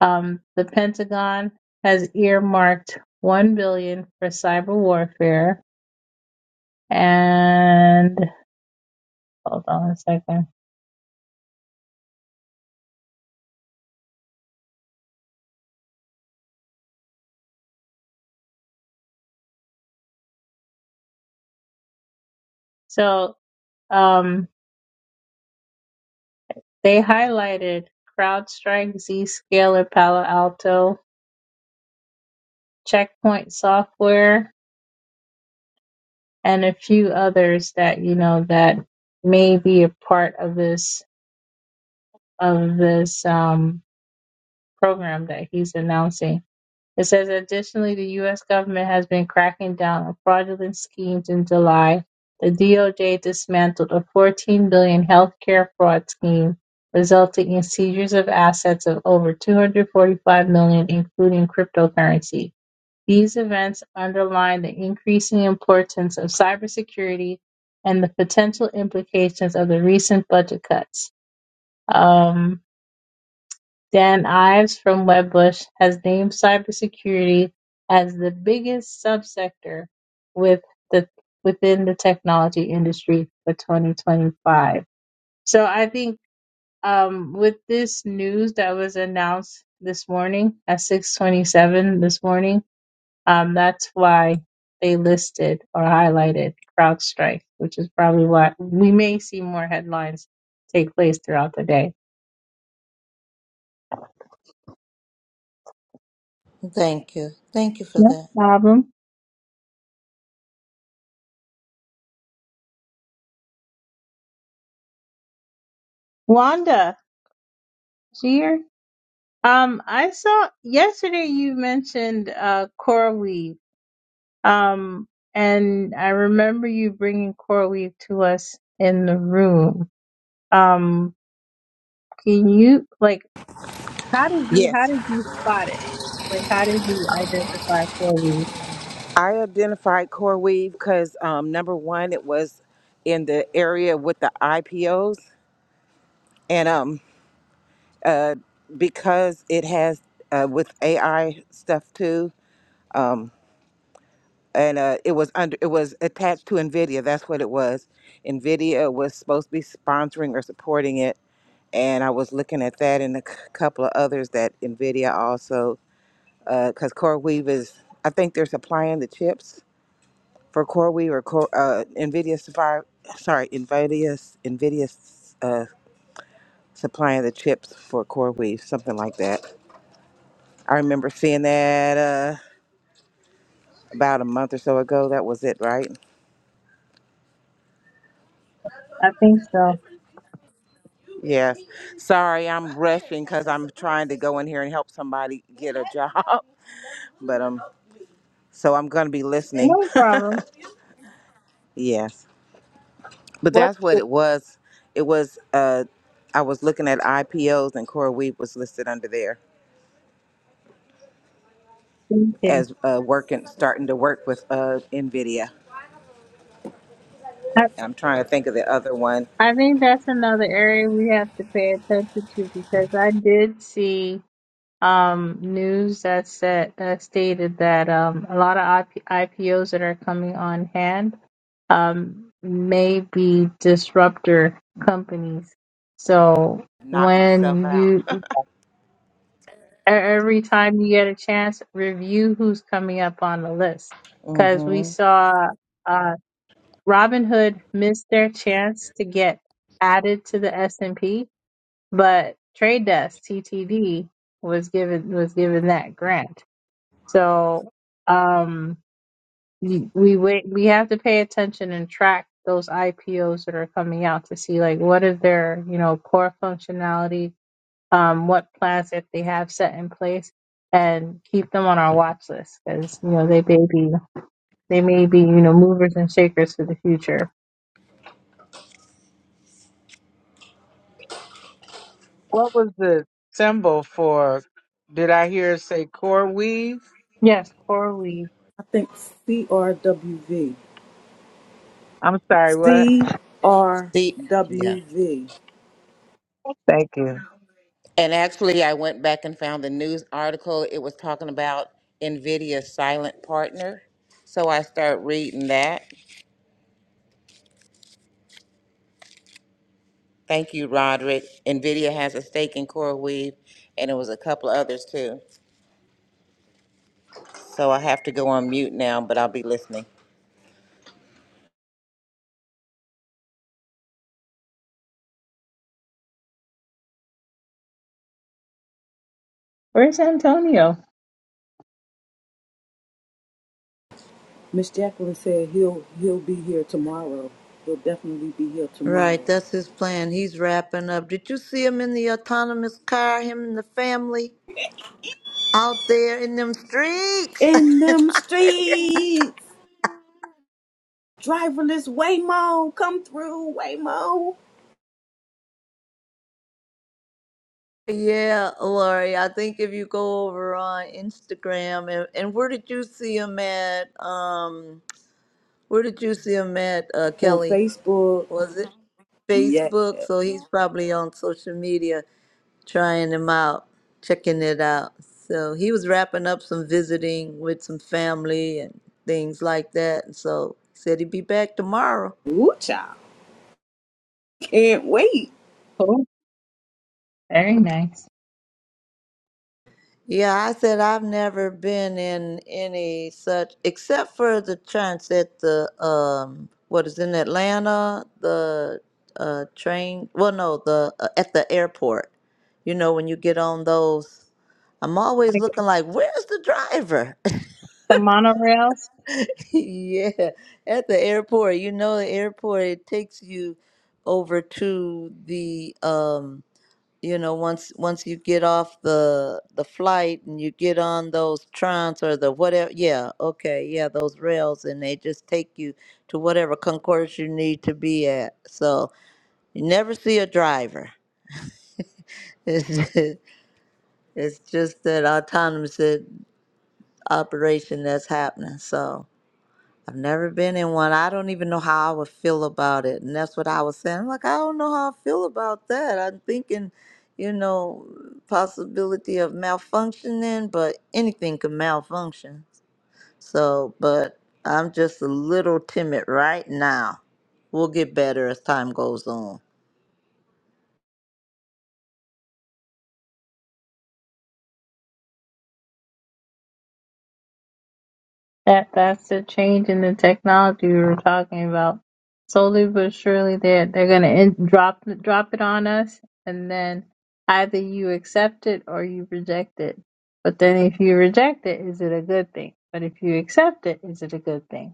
[SPEAKER 10] Um, the Pentagon has earmarked 1 billion for cyber warfare and Hold on a second. So um, they highlighted CrowdStrike, Zscaler, Palo Alto, Checkpoint Software, and a few others that you know that may be a part of this of this um, program that he's announcing. It says additionally, the U.S. government has been cracking down on fraudulent schemes. In July, the DOJ dismantled a $14 billion dollars healthcare fraud scheme, resulting in seizures of assets of over $245 million, dollars, including cryptocurrency. These events underline the increasing importance of cybersecurity and the potential implications of the recent budget cuts. Um, Dan Ives from Webbush has named cybersecurity as the biggest subsector with the within the technology industry for 2025. So I think um, with this news that was announced this morning at 6:27 this morning, um, that's why they listed or highlighted CrowdStrike, which is probably why we may see more headlines take place throughout the day.
[SPEAKER 3] Thank you. Thank you for
[SPEAKER 10] No
[SPEAKER 3] that.
[SPEAKER 10] problem. Wanda, is she here? Um, I saw yesterday you mentioned uh coral weave. Um, and I remember you bringing coral weave to us in the room. Um, can you like how did you how
[SPEAKER 9] Yes,
[SPEAKER 10] did you spot it? Like how did you identify coral weave?
[SPEAKER 9] I identified CoreWeave because um, number one, it was in the area with the IPOs, and um, because it has uh, with AI stuff too, and uh, it was under it was attached to Nvidia. That's what it was. Nvidia was supposed to be sponsoring or supporting it, and I was looking at that and a c- couple of others that Nvidia also because CoreWeave is I think they're supplying the chips for CoreWeave or Core, uh, NVIDIA Sapphire, sorry, NVIDIA's, NVIDIA's uh, supplying the chips for CoreWeave, something like that. I remember seeing that uh, about a month or so ago. That was it, right?
[SPEAKER 10] I think so.
[SPEAKER 9] Yes. Sorry, I'm rushing because I'm trying to go in here and help somebody get a job. *laughs* But um, so I'm going to be listening.
[SPEAKER 10] No
[SPEAKER 9] *laughs*
[SPEAKER 10] problem.
[SPEAKER 9] Yes. But
[SPEAKER 4] What
[SPEAKER 9] that's what it was. It was, uh, I was looking at IPOs and CoreWeave was listed under there.
[SPEAKER 10] Thank you.
[SPEAKER 9] as uh, working, starting to work with uh, NVIDIA.
[SPEAKER 10] I,
[SPEAKER 9] And I'm trying to think of the other one.
[SPEAKER 10] I think that's another area we have to pay attention to because I did see um, news that said that stated that um, a lot of IP- IPOs that are coming on hand um, may be disruptor companies. So
[SPEAKER 9] Knock myself
[SPEAKER 10] when
[SPEAKER 9] out. *laughs*
[SPEAKER 10] you e- every time you get a chance, review who's coming up on the list
[SPEAKER 9] mm
[SPEAKER 10] because we
[SPEAKER 9] hmm
[SPEAKER 10] saw uh, Robinhood missed their chance to get added to the S and P, but Trade Desk (TTD) was given was given that grant. So um, we we wait, we have to pay attention and track those IPOs that are coming out to see like what is their you know core functionality, um, what plans that they have set in place, and keep them on our watch list because you know they may be they may be you know movers and shakers for the future.
[SPEAKER 4] what was the symbol for? Did I hear it say core weave?
[SPEAKER 10] Yes, or we.
[SPEAKER 1] I think C R W V.
[SPEAKER 4] I'm sorry. What?
[SPEAKER 1] C R W V.
[SPEAKER 9] See, yeah.
[SPEAKER 4] Thank you.
[SPEAKER 9] And actually, I went back and found the news article. It was talking about NVIDIA silent partner. So I start reading that. Thank you, Roderick. NVIDIA has a stake in CoreWeave, and it was a couple of others too. So I have to go on mute now, but I'll be listening.
[SPEAKER 10] Where's Antonio?
[SPEAKER 1] Miss Jacqueline said he'll he'll be here tomorrow. He'll definitely be here tomorrow.
[SPEAKER 3] Right, that's his plan. He's wrapping up. Did you see him in the autonomous car, him and the family out there in them streets?
[SPEAKER 1] In them streets, driverless Waymo, come through Waymo.
[SPEAKER 3] *laughs* yeah, Lori, I think if you go over on Instagram and, and where did you see him at? Um, where did you see him at, uh,
[SPEAKER 1] On
[SPEAKER 3] Kelly?
[SPEAKER 1] Facebook,
[SPEAKER 3] Was it
[SPEAKER 1] yes.
[SPEAKER 3] Facebook? So he's probably on social media. trying him out, checking it out. So he was wrapping up some visiting with some family and things like that. And so he said he'd be back tomorrow.
[SPEAKER 1] Woo child. Can't wait.
[SPEAKER 10] Oh, very nice.
[SPEAKER 3] Yeah, I said I've never been in any such, except for the chance at the um, what is in Atlanta, the uh train. Well, no, the uh, at the airport. You know, when you get on those, I'm always
[SPEAKER 10] Like
[SPEAKER 3] looking like, where's the driver?
[SPEAKER 10] the monorail
[SPEAKER 3] *laughs* Yeah, at the airport, you know, the airport it takes you over to the um, you know, once once you get off the the flight and you get on those trams or the whatever, yeah, okay, yeah, those rails and they just take you to whatever concourse you need to be at. So you never see a driver. *laughs* It's it's just that autonomous uh, operation that's happening. So. I've never been in one. I don't even know how I would feel about it. And that's what I was saying. I'm like, I don't know how I feel about that. I'm thinking, you know, possibility of malfunctioning, but anything can malfunction. So, but I'm just a little timid right now. We'll get better as time goes on.
[SPEAKER 10] that that's the change in the technology we were talking about. Slowly but surely, they're they're gonna in, drop drop it on us, and then either you accept it or you reject it. But then, if you reject it, is it a good thing? But if you accept it, is it a good thing?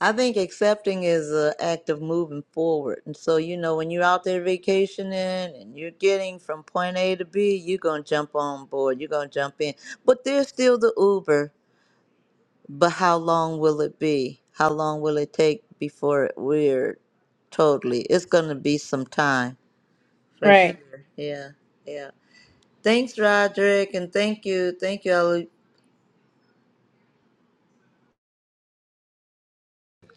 [SPEAKER 3] I think accepting is an act of moving forward. And so, you know, when you're out there vacationing and you're getting from point A to B, you're going to jump on board, you're going to jump in. But there's still the Uber. But how long will it be? How long will it take before we're totally? It's going to be some time for sure.
[SPEAKER 10] Right.
[SPEAKER 3] Yeah, yeah. Thanks, Roderick. And thank you. Thank you,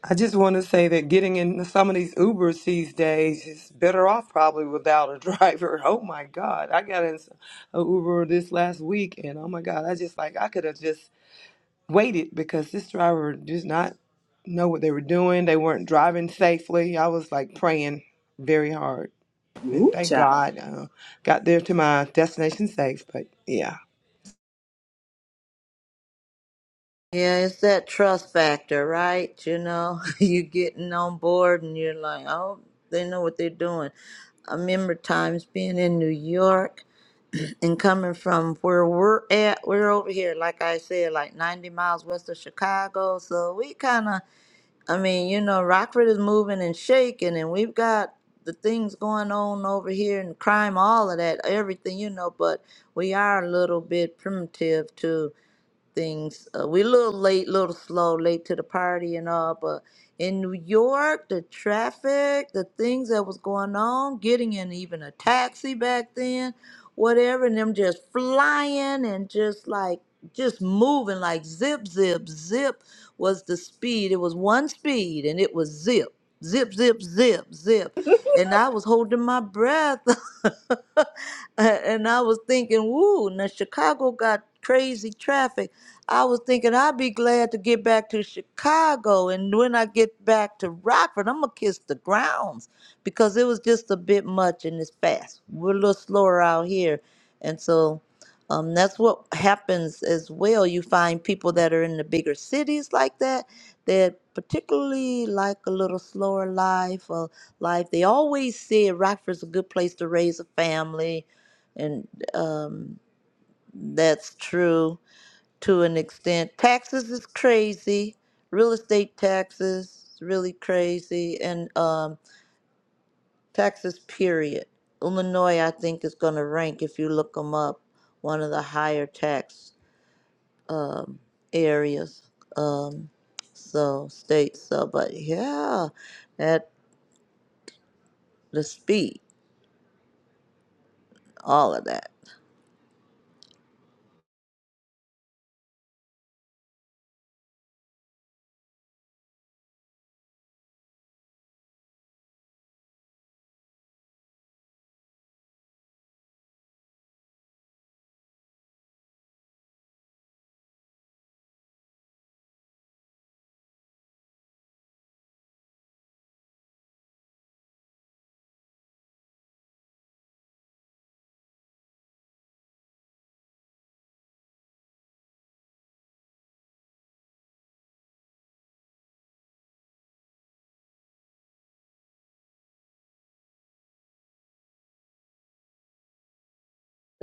[SPEAKER 8] I just want to say that getting in some of these Ubers these days is better off probably without a driver. *laughs* Oh my God, I got in a Uber this last week, and oh my God, I just like I could have just waited because this driver did not know what they were doing. They weren't driving safely. I was like praying very hard, and
[SPEAKER 1] Woo
[SPEAKER 8] thank
[SPEAKER 1] child.
[SPEAKER 8] God uh, got there to my destination safe. But yeah,
[SPEAKER 3] Yeah, it's that trust factor, right? You know, *laughs* you getting on board and you're like, oh, they know what they're doing. I remember times being in New York and coming from where we're at. We're over here, like I said, like 90 miles west of Chicago. So we kind of, I mean, you know, Rockford is moving and shaking, and we've got the things going on over here and crime, all of that, everything, you know, but we are a little bit primitive too things. Uh, we're a little late, little slow, late to the party and all, but in New York, the traffic, the things that was going on, getting in even a taxi back then, whatever, and them just flying and just like just moving like zip, zip, zip was the speed. It was one speed and it was zip, zip, zip, zip, zip and I was holding my breath. *laughs* and I was thinking, woo, now Chicago got crazy traffic. I was thinking I'd be glad to get back to Chicago. And when I get back to Rockford, I'm going to kiss the grounds because it was just a bit much and it's fast. We're a little slower out here. And so um, that's what happens as well. You find people that are in the bigger cities like that that particularly like a little slower life. uh, life. They always said Rockford's a good place to raise a family, and um, that's true to an extent. Taxes is crazy. Real estate taxes is really crazy, and um, taxes period. Illinois, I think, is going to rank if you look them up, one of the higher tax um, areas. Um, so states. So, but yeah, that the speed, all of that.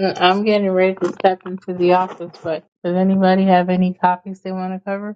[SPEAKER 10] Uh, I'm getting ready to step into the office, but does anybody have any topics they want to cover?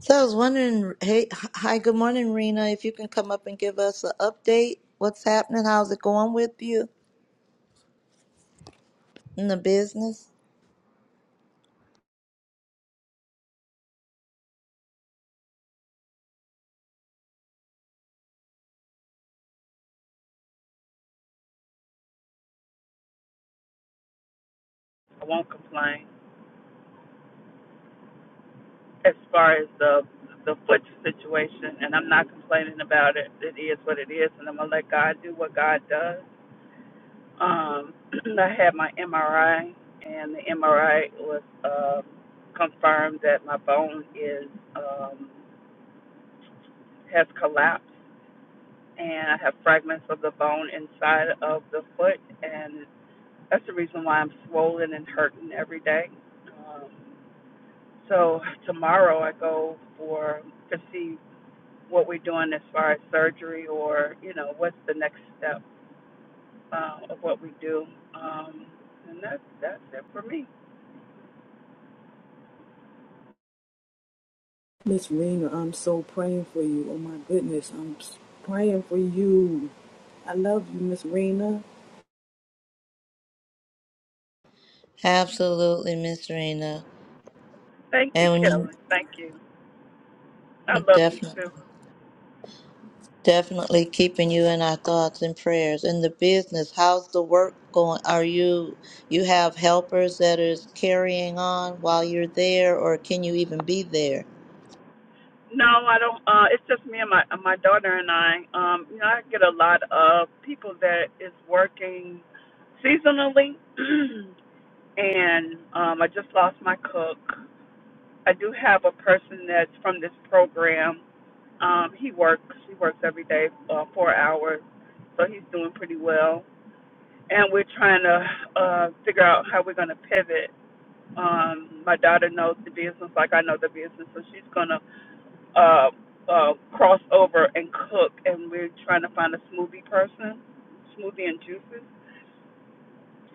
[SPEAKER 3] So I was wondering, hey, h- hi, good morning, Rena. If you can come up and give us an update, what's happening? How's it going with you in the business?
[SPEAKER 11] I won't complain as far as the the foot situation, and I'm not complaining about it. It is what it is, and I'm gonna let God do what God does. Um, *clears throat* I had my MRI, and the MRI was uh, confirmed that my bone is um, has collapsed, and I have fragments of the bone inside of the foot, and that's the reason why I'm swollen and hurting every day. Um, so tomorrow I go for to see what we're doing as far as surgery or you know what's the next step uh, of what we do um, and that's that's it for me
[SPEAKER 1] Miss Rena, I'm so praying for you. Oh my goodness. I'm praying for you. I love you, Miss Rena.
[SPEAKER 3] Absolutely, Miss Rena,
[SPEAKER 11] thank you
[SPEAKER 3] and when you,
[SPEAKER 11] kelly thank you i
[SPEAKER 3] we're
[SPEAKER 11] love you
[SPEAKER 3] definitely,
[SPEAKER 11] too
[SPEAKER 3] definitely keeping you in our thoughts and prayers. In the business, how's the work going? Are you you have helpers that is carrying on while you're there, or can you even be there?
[SPEAKER 11] no i don't uh it's just me and my my daughter and i um you know i get a lot of people that is working seasonally *clears throat* and um i just lost my cook i do have a person that's from this program Um, he works. He works every day, uh, four hours, so he's doing pretty well. And we're trying to uh, figure out how we're going to pivot. Um, my daughter knows the business like I know the business, so she's going to uh, uh, cross over and cook. And we're trying to find a smoothie person, smoothie and juices,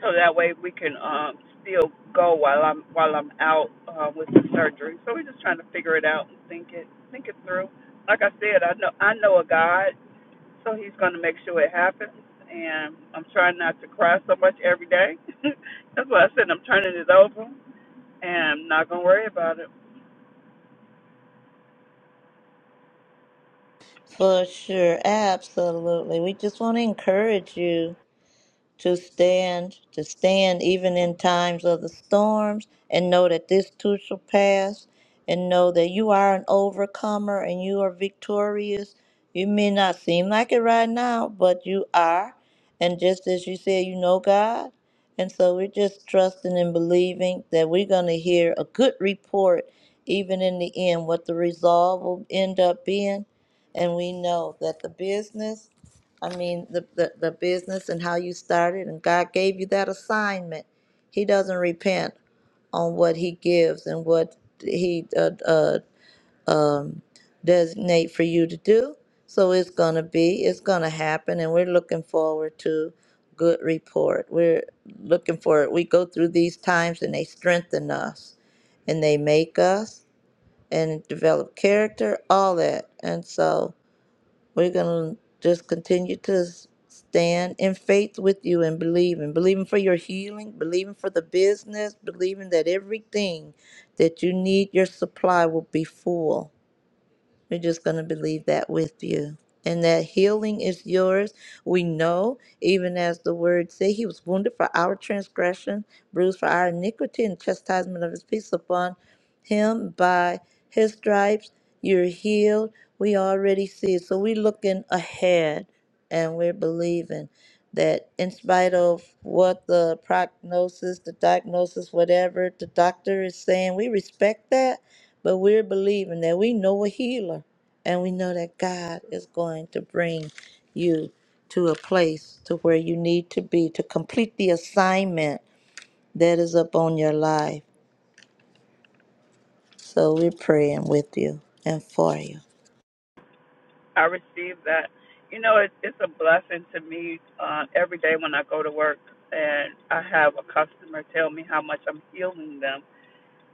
[SPEAKER 11] so that way we can um, still go while I'm while I'm out uh, with the surgery. So we're just trying to figure it out and think it think it through like I said, I know I know a God so he's going to make sure it happens. And I'm trying not to cry so much every day. *laughs* That's why I said I'm turning it over and I'm not going to worry about it.
[SPEAKER 3] For sure, absolutely. We just want to encourage you. to stand, to stand even in times of the storms, and know that this too shall pass, and know that you are an overcomer and you are victorious. You may not seem like it right now, but you are. And just as you said, you know God. And so we're just trusting and believing that we're going to hear a good report, even in the end, what the resolve will end up being. And we know that the business I mean, the, the, the business and how you started, and God gave you that assignment. He doesn't repent on what He gives and what He uh, uh, um, designate for you to do. So it's gonna be, it's gonna happen, and we're looking forward to good report. We're looking for it. We go through these times, and they strengthen us, and they make us, and develop character, all that, and so. We're going to just continue to s- stand in faith with you and believing, believing for your healing, believing for the business, believing that everything that you need, your supply will be full. We're just going to believe that with you. And that healing is yours. We know, even as the word say, he was wounded for our transgression, bruised for our iniquity, and chastisement of his peace upon him by his stripes. You're healed. We already see it. So we're looking ahead and we're believing that in spite of what the prognosis, the diagnosis, whatever the doctor is saying, we respect that but we're believing that we know a healer and we know that God is going to bring you to a place to where you need to be to complete the assignment that is upon your life. So we're praying with you and for you.
[SPEAKER 11] I received that. You know, it, it's a blessing to me uh, every day when I go to work and I have a customer tell me how much I'm healing them.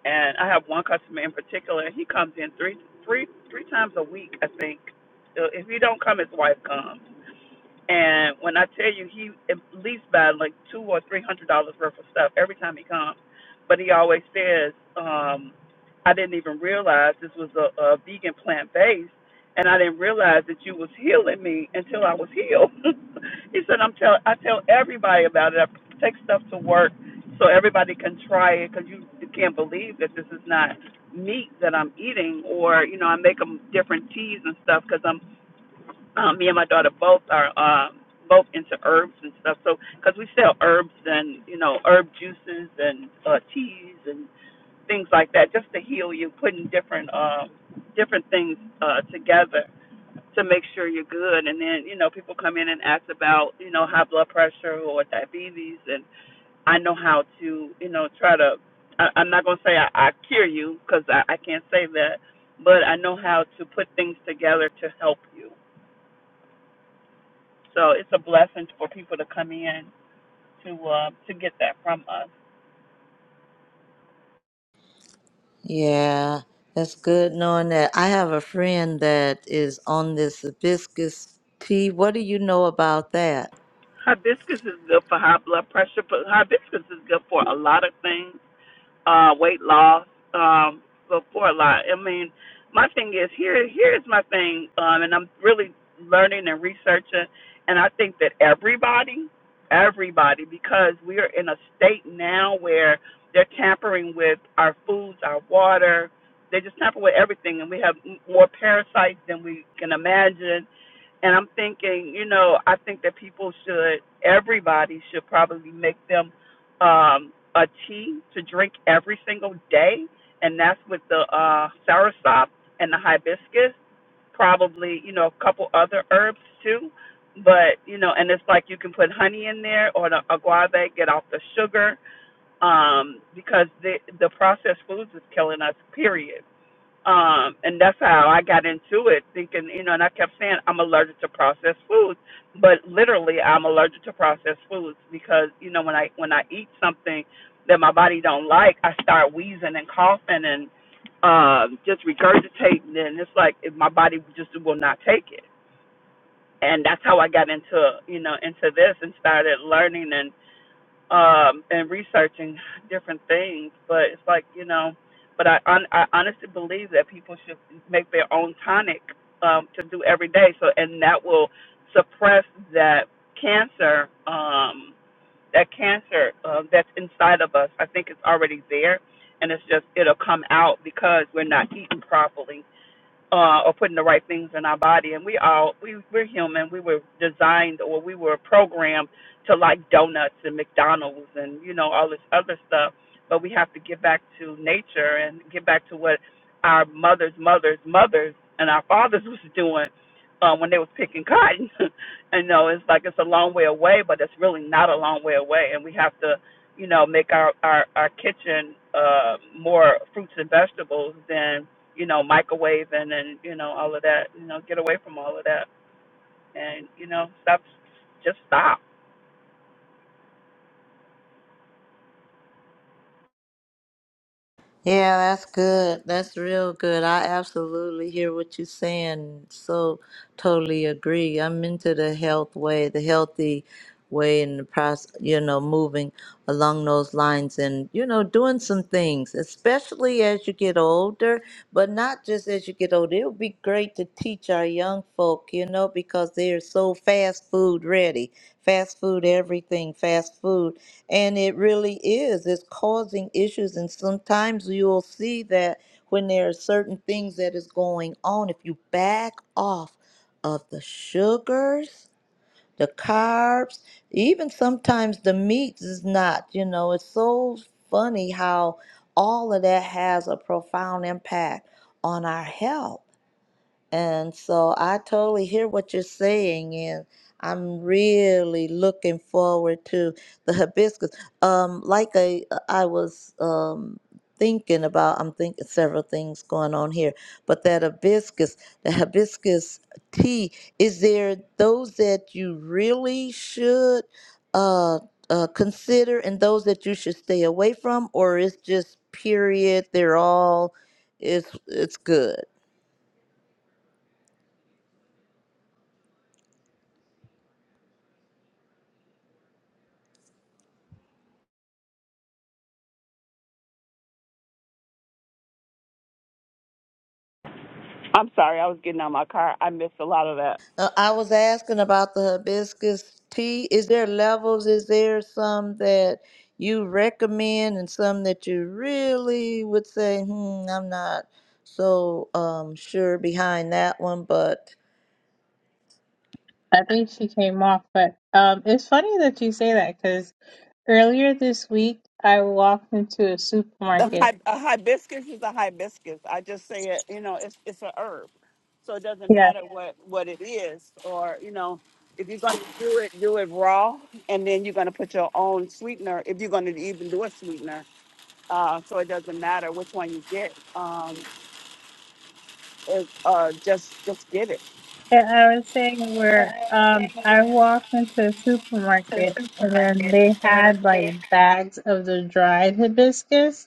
[SPEAKER 11] And I have one customer in particular, and he comes in three, three, three times a week, I think. So If he don't come, his wife comes And when I tell you, he at least buy like two or three hundred dollars worth of stuff every time he comes. But he always says, um, "I didn't even realize this was a, a vegan plant based, and I didn't realize that you was healing me until I was healed." *laughs* he said, "I'm tell I tell everybody about it. I take stuff to work so everybody can try it because you, you can't believe that this is not meat that I'm eating, or you know, I make them different teas and stuff because I'm um, me and my daughter both are um, both into herbs and stuff. So because we sell herbs and you know herb juices and uh, teas and things like that, just to heal you, putting different um, different things uh, together to make sure you're good. And then you know people come in and ask about you know high blood pressure or diabetes, and I know how to you know try to. I, I'm not gonna say I, I cure you because I, I can't say that, but I know how to put things together to help you so it's a blessing for people to come in to uh, to get that from us.
[SPEAKER 3] Yeah, that's good knowing that. I have a friend that is on this hibiscus tea. What do you know about that?
[SPEAKER 11] Hibiscus is good for high blood pressure, but hibiscus is good for a lot of things. uh weight loss um before a lot i mean my thing is here here's my thing um and i'm really learning and researching and i think that everybody everybody because we are in a state now where they're tampering with our foods our water they just tamper with everything and we have m- more parasites than we can imagine and i'm thinking you know i think that people should everybody should probably make them um, a tea to drink every single day, and that's with the uh, soursop and the hibiscus, probably you know a couple other herbs too. But you know, and it's like you can put honey in there or the aguave, get off the sugar, um, because the the processed foods is killing us. Period um, and that's how I got into it, thinking, you know, and I kept saying I'm allergic to processed foods, but literally I'm allergic to processed foods because, you know, when I when I eat something that my body don't like, I start wheezing and coughing and um just regurgitating and it's like if my body just will not take it. And that's how I got into, you know, into this and started learning um and researching different things but it's like you know but i hon- i honestly believe that people should make their own tonic um to do every day so and that will suppress that cancer um that cancer um that's inside of us i think it's already there and it's just it'll come out because we're not eating properly uh, or putting the right things in our body. And we all we we're human. We were designed or we were programmed to like donuts and McDonald's and you know all this other stuff. But we have to get back to nature and get back to what our mothers, mothers, mothers, and our fathers *laughs* was doing uh, when they was picking cotton. *laughs* and no, it's like it's a long way away, but it's really not a long way away. And we have to, you know, make our our our kitchen uh, more fruits and vegetables than you know, microwaving and, you know, all of that. You know, get away from all of that and, you know, stop, just stop.
[SPEAKER 3] Yeah, that's good. That's real good. I absolutely hear what you're saying. So totally agree. I'm into the health way, the healthy way and the process, you know, moving along those lines and, you know, doing some things, especially as you get older, but not just as you get older. It would be be great to teach our young folk, you know, because they're so fast food ready, fast food everything, fast food. And it really is, it's causing issues. And sometimes you'll see that when there are certain things that is going on, if you back off of the sugars, the carbs, even sometimes the meats is not, you know, it's so funny how all of that has a profound impact on our health and so I totally hear what you're saying, and I'm really looking forward to the hibiscus. Um, like I, uh, I was um, thinking about, I'm thinking several things going on here, but that hibiscus, the hibiscus tea, is there those that you really should uh, uh, consider and those that you should stay away from, or it's just period, they're all, it's, it's good?
[SPEAKER 11] I'm sorry, I was getting out of my car. I missed a lot of that.
[SPEAKER 3] Uh, I was asking about the hibiscus tea. Is there levels? Is there some that you recommend and some that you really would say, hmm, I'm not so um, sure behind that one, but
[SPEAKER 10] I think she came off, but um, it's funny that you say that because Earlier this week, I walked into a
[SPEAKER 11] The
[SPEAKER 10] supermarket.
[SPEAKER 11] hi- a hibiscus is a hibiscus. I just say it, you know, it's it's a herb. So it doesn't matter what, what it is or, you know, if you're going to do it, do it raw, and then you're going to put your own sweetener. If you're going to even do a sweetener, uh, so it doesn't matter which one you get. Um, it, uh, just just get it.
[SPEAKER 10] Yeah, I was saying where um I walked into a supermarket and then they had like bags of the dried hibiscus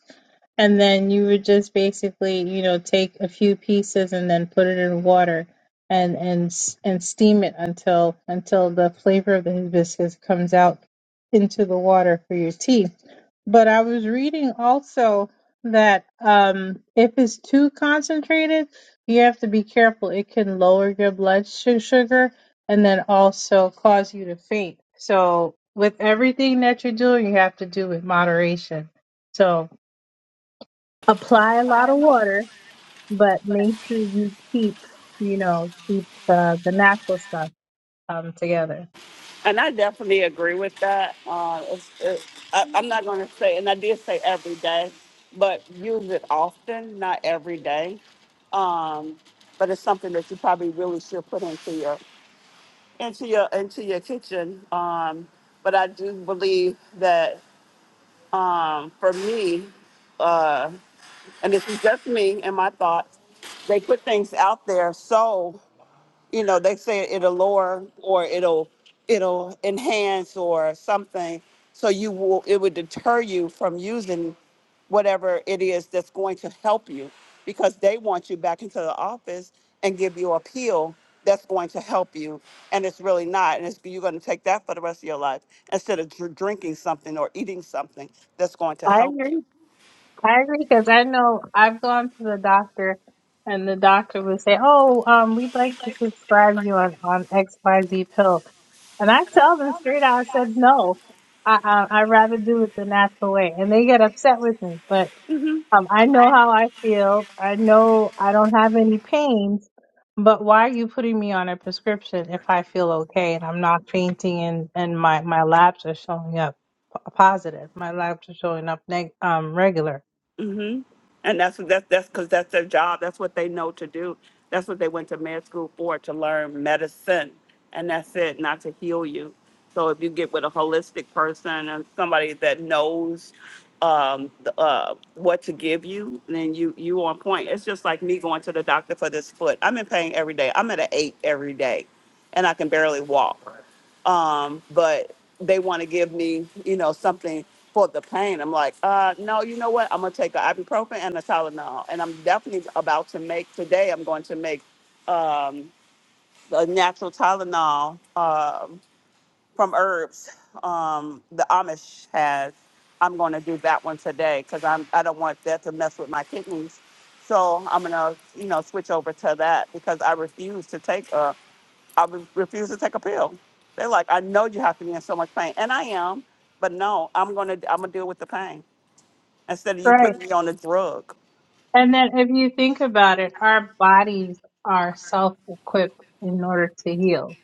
[SPEAKER 10] and then you would just basically, you know, take a few pieces and then put it in water and and s- and steam it until until the flavor of the hibiscus comes out into the water for your tea. But I was reading also that um if it's too concentrated you have to be careful. It can lower your blood su- sugar and then also cause you to faint. So, with everything that you're doing, you have to do with moderation. So, apply a lot of water, but make sure you keep, you know, keep the, the natural stuff um, together.
[SPEAKER 11] And I definitely agree with that. Uh, it's, it, I, I'm not going to say, and I did say every day, but use it often, not every day. Um, but it's something that you probably really should put into your into your into your kitchen. Um, but I do believe that um, for me, uh, and this is just me and my thoughts, they put things out there so you know, they say it'll lower or it'll it'll enhance or something. So you will it would deter you from using whatever it is that's going to help you because they want you back into the office and give you a pill that's going to help you and it's really not and it's, you're going to take that for the rest of your life instead of dr- drinking something or eating something that's going to
[SPEAKER 10] I
[SPEAKER 11] help
[SPEAKER 10] agree.
[SPEAKER 11] you
[SPEAKER 10] I agree because I know I've gone to the doctor and the doctor would say, "Oh, um, we'd like to prescribe you on on XYZ pill." And I tell them straight out, I said, "No, I I I'd rather do it the natural way." And they get upset with me, but um, I know how I feel. I know I don't have any pains, but why are you putting me on a prescription if I feel okay and I'm not fainting and and my my labs are showing up p- positive, my labs are showing up neg- um regular.
[SPEAKER 11] hmm And that's that's that's because that's their job. That's what they know to do. That's what they went to med school for to learn medicine, and that's it, not to heal you. So if you get with a holistic person and somebody that knows um, the, uh, what to give you, then you you on point. It's just like me going to the doctor for this foot. I'm in pain every day. I'm at an eight every day, and I can barely walk. Um, but they want to give me, you know, something for the pain. I'm like, uh, no, you know what? I'm gonna take a ibuprofen and a Tylenol, and I'm definitely about to make today. I'm going to make um, a natural Tylenol. um from herbs um the amish has i'm going to do that one today because i'm i don't want that to mess with my kidneys so i'm going to you know switch over to that because i refuse to take a i re- refuse to take a pill they're like i know you have to be in so much pain and i am but no i'm going to i'm going to deal with the pain instead of you
[SPEAKER 10] Right.
[SPEAKER 11] putting me on a drug
[SPEAKER 10] And then if you think about it, our bodies are self-equipped in order to heal.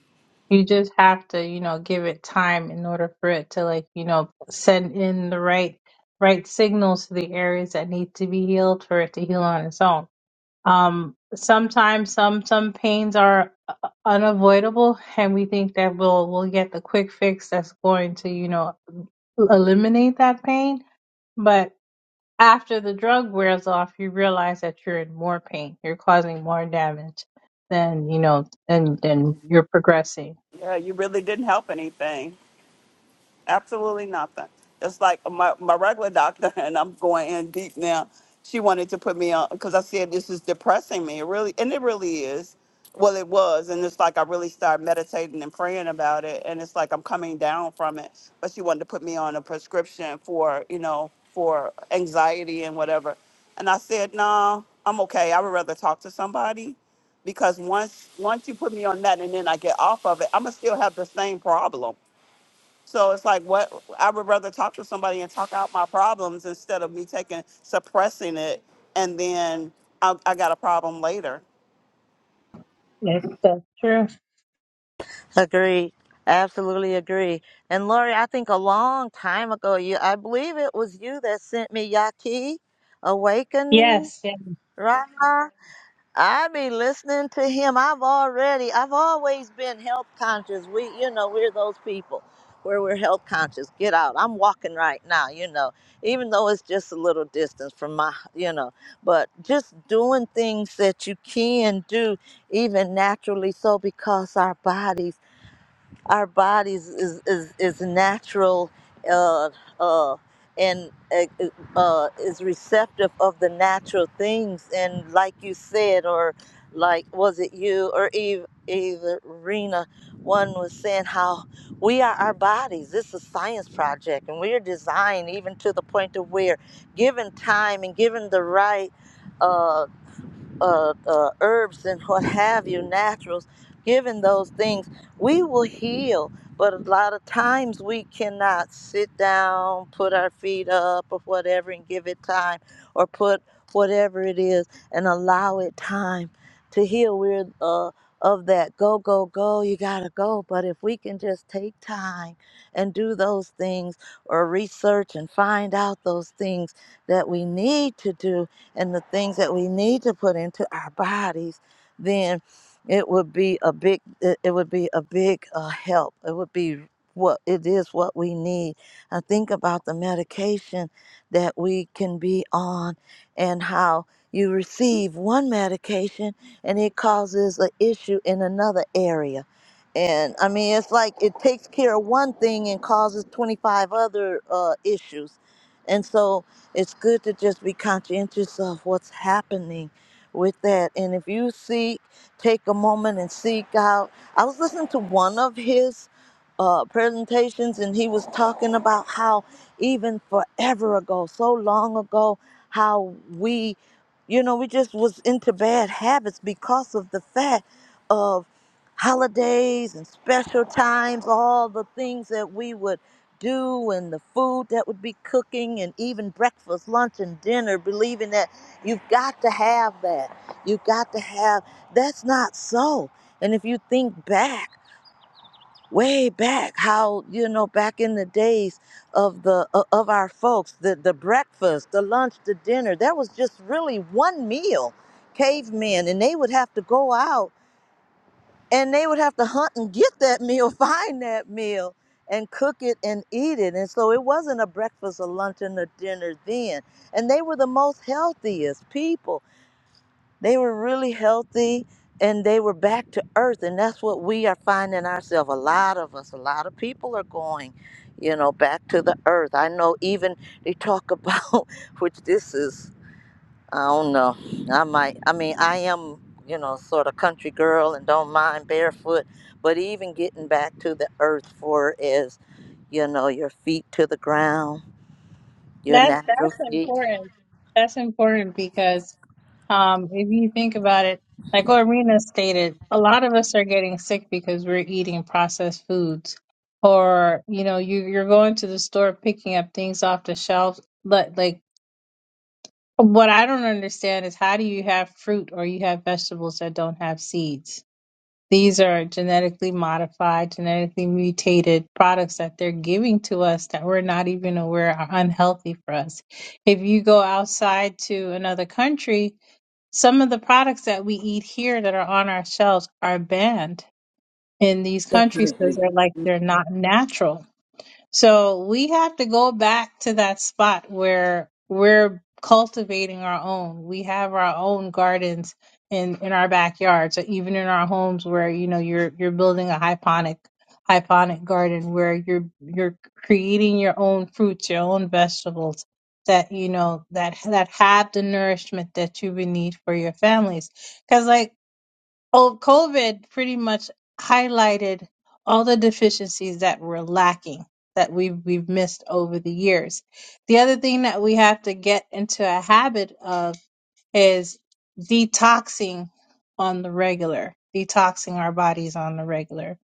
[SPEAKER 10] You just have to, you know, give it time in order for it to like, you know, send in the right right signals to the areas that need to be healed for it to heal on its own. Um, sometimes some some pains are uh, unavoidable, and we think that we'll we'll get the quick fix that's going to you know eliminate that pain. But after the drug wears off, you realize that you're in more pain. You're causing more damage than you know, and then you're progressing.
[SPEAKER 11] yeah you really didn't help anything absolutely nothing. It's like my, my regular doctor, *laughs* and I'm going in deep now. She wanted to put me on because I said this is depressing me. It really, and it really is. Well, it was, and it's like I really started meditating and praying about it, and it's like I'm coming down from it. But she wanted to put me on a prescription for, you know, for anxiety and whatever. And I said, no, I'm okay. I would rather talk to somebody because once once you put me on that, and then I get off of it, I'm gonna still have the same problem so it's like what I would rather talk to somebody and talk out my problems instead of me taking suppressing it and then I, I got a problem later.
[SPEAKER 10] Yes, that's true.
[SPEAKER 3] agree. Absolutely agree. And Lori, I think a long time ago, you I believe it was you that sent me Yaki Awakening,
[SPEAKER 10] Yes, yes,
[SPEAKER 3] right? I be listening to him. I've already, I've always been health conscious. We, you know, we're those people where we're health conscious. Get out. I'm walking right now, you know, even though it's just a little distance from my, you know, but just doing things that you can do even naturally so because our bodies our bodies is is, is natural uh, uh, and uh, uh, uh, is receptive of the natural things and like you said or like was it you or Eve either Rena one was saying how we are our bodies this is a science project and we are designed even to the point of where given time and given the right Uh, uh, uh, herbs and what have you, naturals, given those things, we will heal. But a lot of times we cannot sit down, put our feet up or whatever, and give it time, or put whatever it is and allow it time to heal. We're uh, of that go, go, go, you gotta go. But if we can just take time and do those things or research and find out those things that we need to do, and the things that we need to put into our bodies, then it would be a big it, it would be a big uh, help. It would be what it is what we need. I think about the medication that we can be on and how you receive one medication and it causes an issue in another area. And I mean, it's like it takes care of one thing and causes 25 other uh, issues. And so it's good to just be conscientious of what's happening with that. And if you seek, take a moment and seek out. I was listening to one of his uh, presentations, and he was talking about how even forever ago, so long ago, how we, you know, we just was into bad habits because of the fact of holidays and special times, all the things that we would do and the food that would be cooking and even breakfast, lunch, and dinner, believing that you've got to have that. You've got to have that's not so. And if you think back, way back, how you know back in the days of the o- of our folks, the the breakfast, the lunch, the dinner, that was just really one meal. Cavemen, and they would have to go out and they would have to hunt and get that meal, *laughs* find that meal, and cook it and eat it. And so it wasn't a breakfast, a lunch, and a dinner then. And they were the most healthiest people. They were really healthy and they were back to earth. And that's what we are finding ourselves. A lot of us, a lot of people are going, you know, back to the earth. I know even they talk about, *laughs* which this is I don't know. I might. I mean, I am, you know, sort of country girl and don't mind barefoot. But even getting back to the earth for is, you know, your feet to the ground, your
[SPEAKER 10] That's
[SPEAKER 3] natural
[SPEAKER 10] that's
[SPEAKER 3] feet.
[SPEAKER 10] important. That's important because um, if you think about it, like Lorena stated, a lot of us are getting sick because we're eating processed foods, or you know, you you're going to the store picking up things off the shelves. But like, what I don't understand is how do you have fruit or you have vegetables that don't have seeds? These are genetically modified, genetically mutated products that they're giving to us that we're not even aware are unhealthy for us. If you go outside to another country, some of the products that we eat here that are on our shelves are banned in these countries because
[SPEAKER 1] Definitely.
[SPEAKER 10] they're like they're not natural. So we have to go back to that spot where we're cultivating our own. We have our own gardens in in our backyards, or even in our homes where you know you're you're building a hyponic hyponic garden where you're you're creating your own fruits, your own vegetables that you know that that have the nourishment that you would need for your families. Because like Oh, COVID pretty much highlighted all the deficiencies that were lacking that we've we've missed over the years. The other thing that we have to get into a habit of is detoxing on the regular, detoxing our bodies on the regular.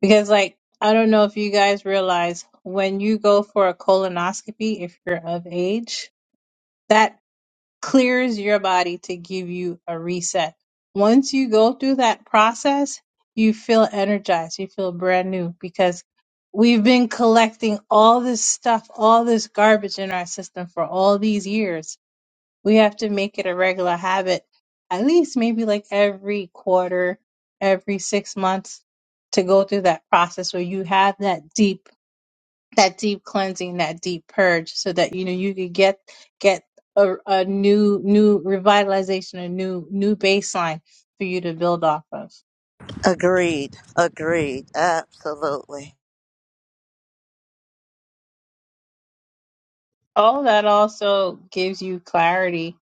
[SPEAKER 10] Because like I don't know if you guys realize when you go for a colonoscopy if you're of age, clears your body to give you a reset. Once you go through that process, you feel energized, you feel brand new because we've been collecting all this stuff, all this garbage in our system for all these years. We have to make it a regular habit, at least maybe like every quarter, every six months to go through that process where you have that deep that deep cleansing, that deep purge, so that you know you could get get a, a new new revitalization, a new new baseline for you to build off of.
[SPEAKER 3] Agreed. Agreed. Absolutely.
[SPEAKER 10] All that also gives you clarity,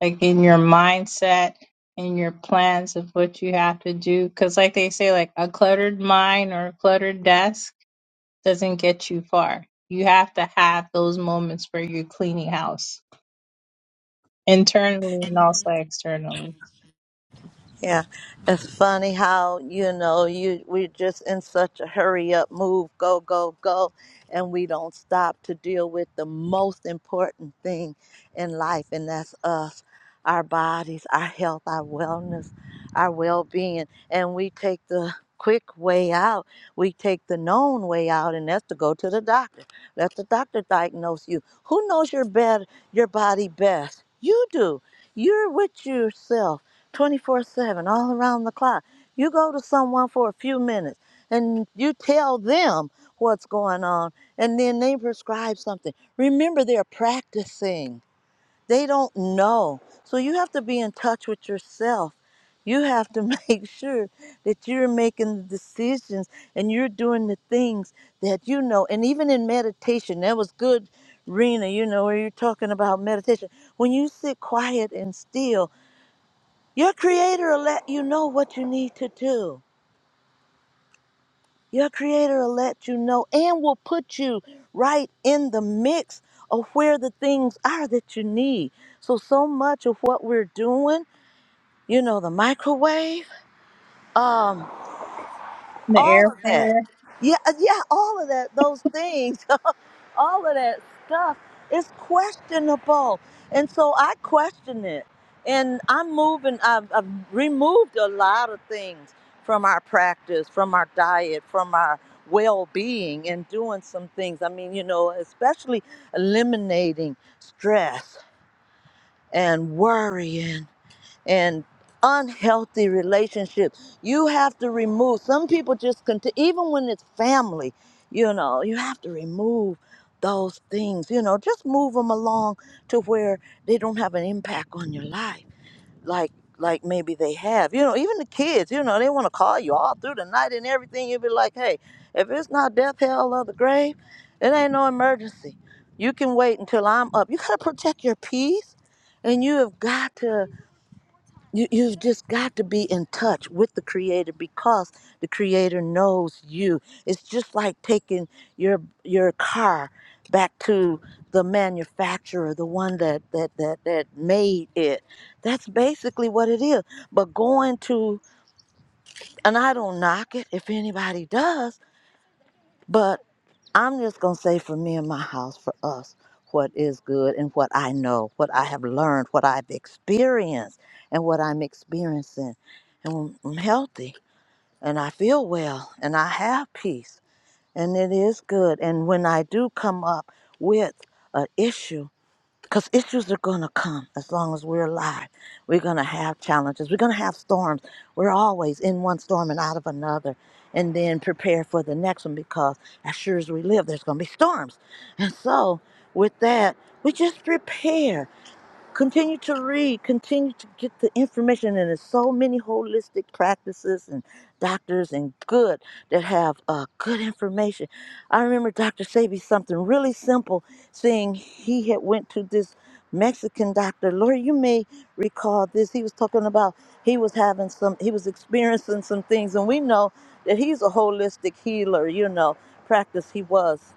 [SPEAKER 10] like in your mindset and your plans of what you have to do. Because, like they say, like a cluttered mind or a cluttered desk doesn't get you far. You have to have those moments where you're cleaning house internally and also externally.
[SPEAKER 3] Yeah, it's funny how you know you we're just in such a hurry up, move, go, go, go, and we don't stop to deal with the most important thing in life, and that's us, our bodies, our health, our wellness, our well-being, and we take the quick way out. We take the known way out, and that's to go to the doctor. Let the doctor diagnose you. Who knows your bed, your body best? You do. You're with yourself 24 7, all around the clock. You go to someone for a few minutes and you tell them what's going on, and then they prescribe something. Remember, they're practicing, they don't know. So you have to be in touch with yourself. You have to *laughs* make sure that you're making the decisions and you're doing the things that you know. And even in meditation, that was good, Rena, you know, where you're talking about meditation. When you sit quiet and still, your creator will let you know what you need to do. Your creator will let you know and will put you right in the mix of where the things are that you need. So so much of what we're doing, you know, the microwave, um,
[SPEAKER 10] The air
[SPEAKER 3] all of that.
[SPEAKER 10] fryer.
[SPEAKER 3] Yeah, yeah, all of that, those things all of that stuff is questionable. And so I question it. And I'm moving, I've, I've removed a lot of things from our practice, from our diet, from our well being, and doing some things. I mean, you know, especially eliminating stress and worry and unhealthy relationships. You have to remove. Some people just continue, even when it's family, you know, you have to remove those things, you know, just move them along to where they don't have an impact on your life. Like, like maybe they have, you know, even the kids, you know, they want to call you all through the night and everything. You'll be like, hey, if it's not death, hell, or the grave, it ain't no emergency. You can wait until I'm up. You got to protect your peace and you have got to you, you've just got to be in touch with the creator because the creator knows you it's just like taking your your car back to the manufacturer the one that that that, that made it that's basically what it is but going to and i don't knock it if anybody does but. I'm just going to say for me and my house, for us, what is good and what I know, what I have learned, what I've experienced, and what I'm experiencing. And when I'm healthy and I feel well and I have peace and it is good. And when I do come up with an issue, because issues are going to come as long as we're alive. We're going to have challenges. We're going to have storms. We're always in one storm and out of another. And then prepare for the next one because as sure as we live, there's going to be storms. And so, with that, we just prepare continue to read continue to get the information and there's so many holistic practices and doctors and good that have uh, good information i remember dr sabi something really simple saying he had went to this mexican doctor laura you may recall this he was talking about he was having some he was experiencing some things and we know that he's a holistic healer you know practice he was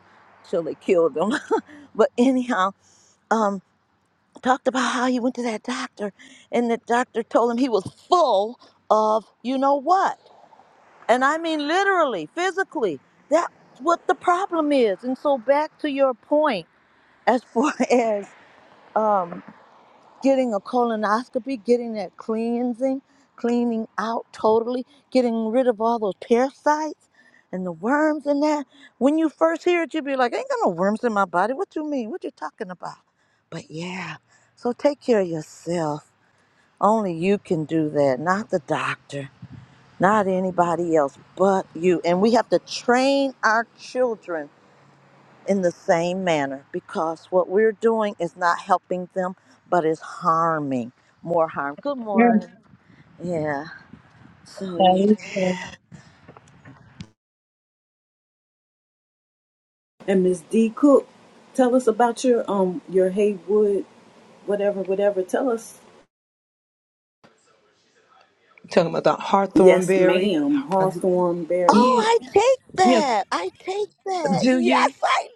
[SPEAKER 3] till they killed him *laughs* but anyhow um, talked about how he went to that doctor and the doctor told him he was full of you know what and i mean literally physically that's what the problem is and so back to your point as far *laughs* as um getting a colonoscopy, getting that cleansing, cleaning out totally, getting rid of all those parasites and the worms and that. When you first hear it, you'll be like, I ain't got no worms in my body. What you mean? What you talking about? But yeah, so take care of yourself. Only you can do that, not the doctor, not anybody else but you. And we have to train our children in the same manner because what we're doing is not helping them, but is harming more harm. Good morning. Yeah. So yeah.
[SPEAKER 10] And so,
[SPEAKER 1] And Miss D Cook, tell us about your um your Haywood, whatever, whatever. Tell us.
[SPEAKER 8] telling them about Hawthorne
[SPEAKER 1] Yes,
[SPEAKER 8] Berry.
[SPEAKER 1] ma'am. Hawthorne Berry.
[SPEAKER 3] Oh, I take
[SPEAKER 8] Yes.
[SPEAKER 3] that. I take that.
[SPEAKER 8] Do
[SPEAKER 3] Yes,
[SPEAKER 8] you?
[SPEAKER 3] I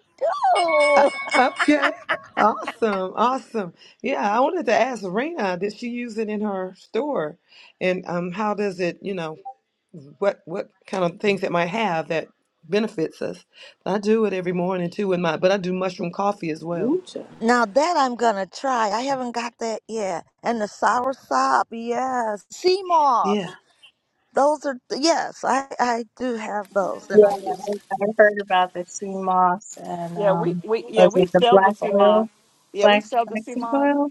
[SPEAKER 8] Uh,
[SPEAKER 3] do.
[SPEAKER 8] okay. Awesome. Awesome. Yeah, I wanted to ask Rena, did she use it in her store? And um, how does it, you know, what what kind of things it might have that benefits us? I do it every morning too in my but I do mushroom coffee as well.
[SPEAKER 1] Woo child.
[SPEAKER 3] Now that I'm gonna try. I haven't got that yet. And the sour sop, yes. Sea
[SPEAKER 8] Yeah.
[SPEAKER 3] moss. Those are yes. I I do have those, and I
[SPEAKER 10] yeah,
[SPEAKER 3] use.
[SPEAKER 10] I,
[SPEAKER 3] Them.
[SPEAKER 10] I heard about the sea moss and
[SPEAKER 11] Yeah, we,
[SPEAKER 10] um,
[SPEAKER 11] we yeah
[SPEAKER 10] was
[SPEAKER 11] we
[SPEAKER 10] it the
[SPEAKER 11] sell the
[SPEAKER 10] black
[SPEAKER 11] CMOS.
[SPEAKER 10] oil,
[SPEAKER 11] Yeah, we
[SPEAKER 10] black
[SPEAKER 11] sell the
[SPEAKER 10] black
[SPEAKER 11] CMOS
[SPEAKER 10] oil?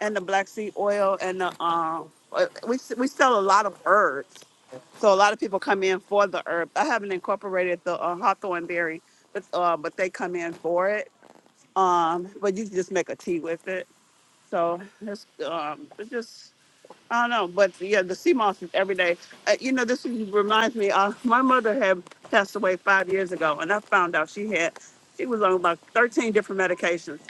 [SPEAKER 11] and the black seed oil and the um uh, we we sell a lot of herbs. So a lot of people come in for the herb. I haven't incorporated the uh, hawthorn berry, but uh, but they come in for it. Um, but you can just make a tea with it. So it's um, it's just I don't know, but yeah, the sea moss is every day. Uh, you know, this reminds me. Uh, my mother had passed away five years ago, and I found out she had. She was on about thirteen different medications,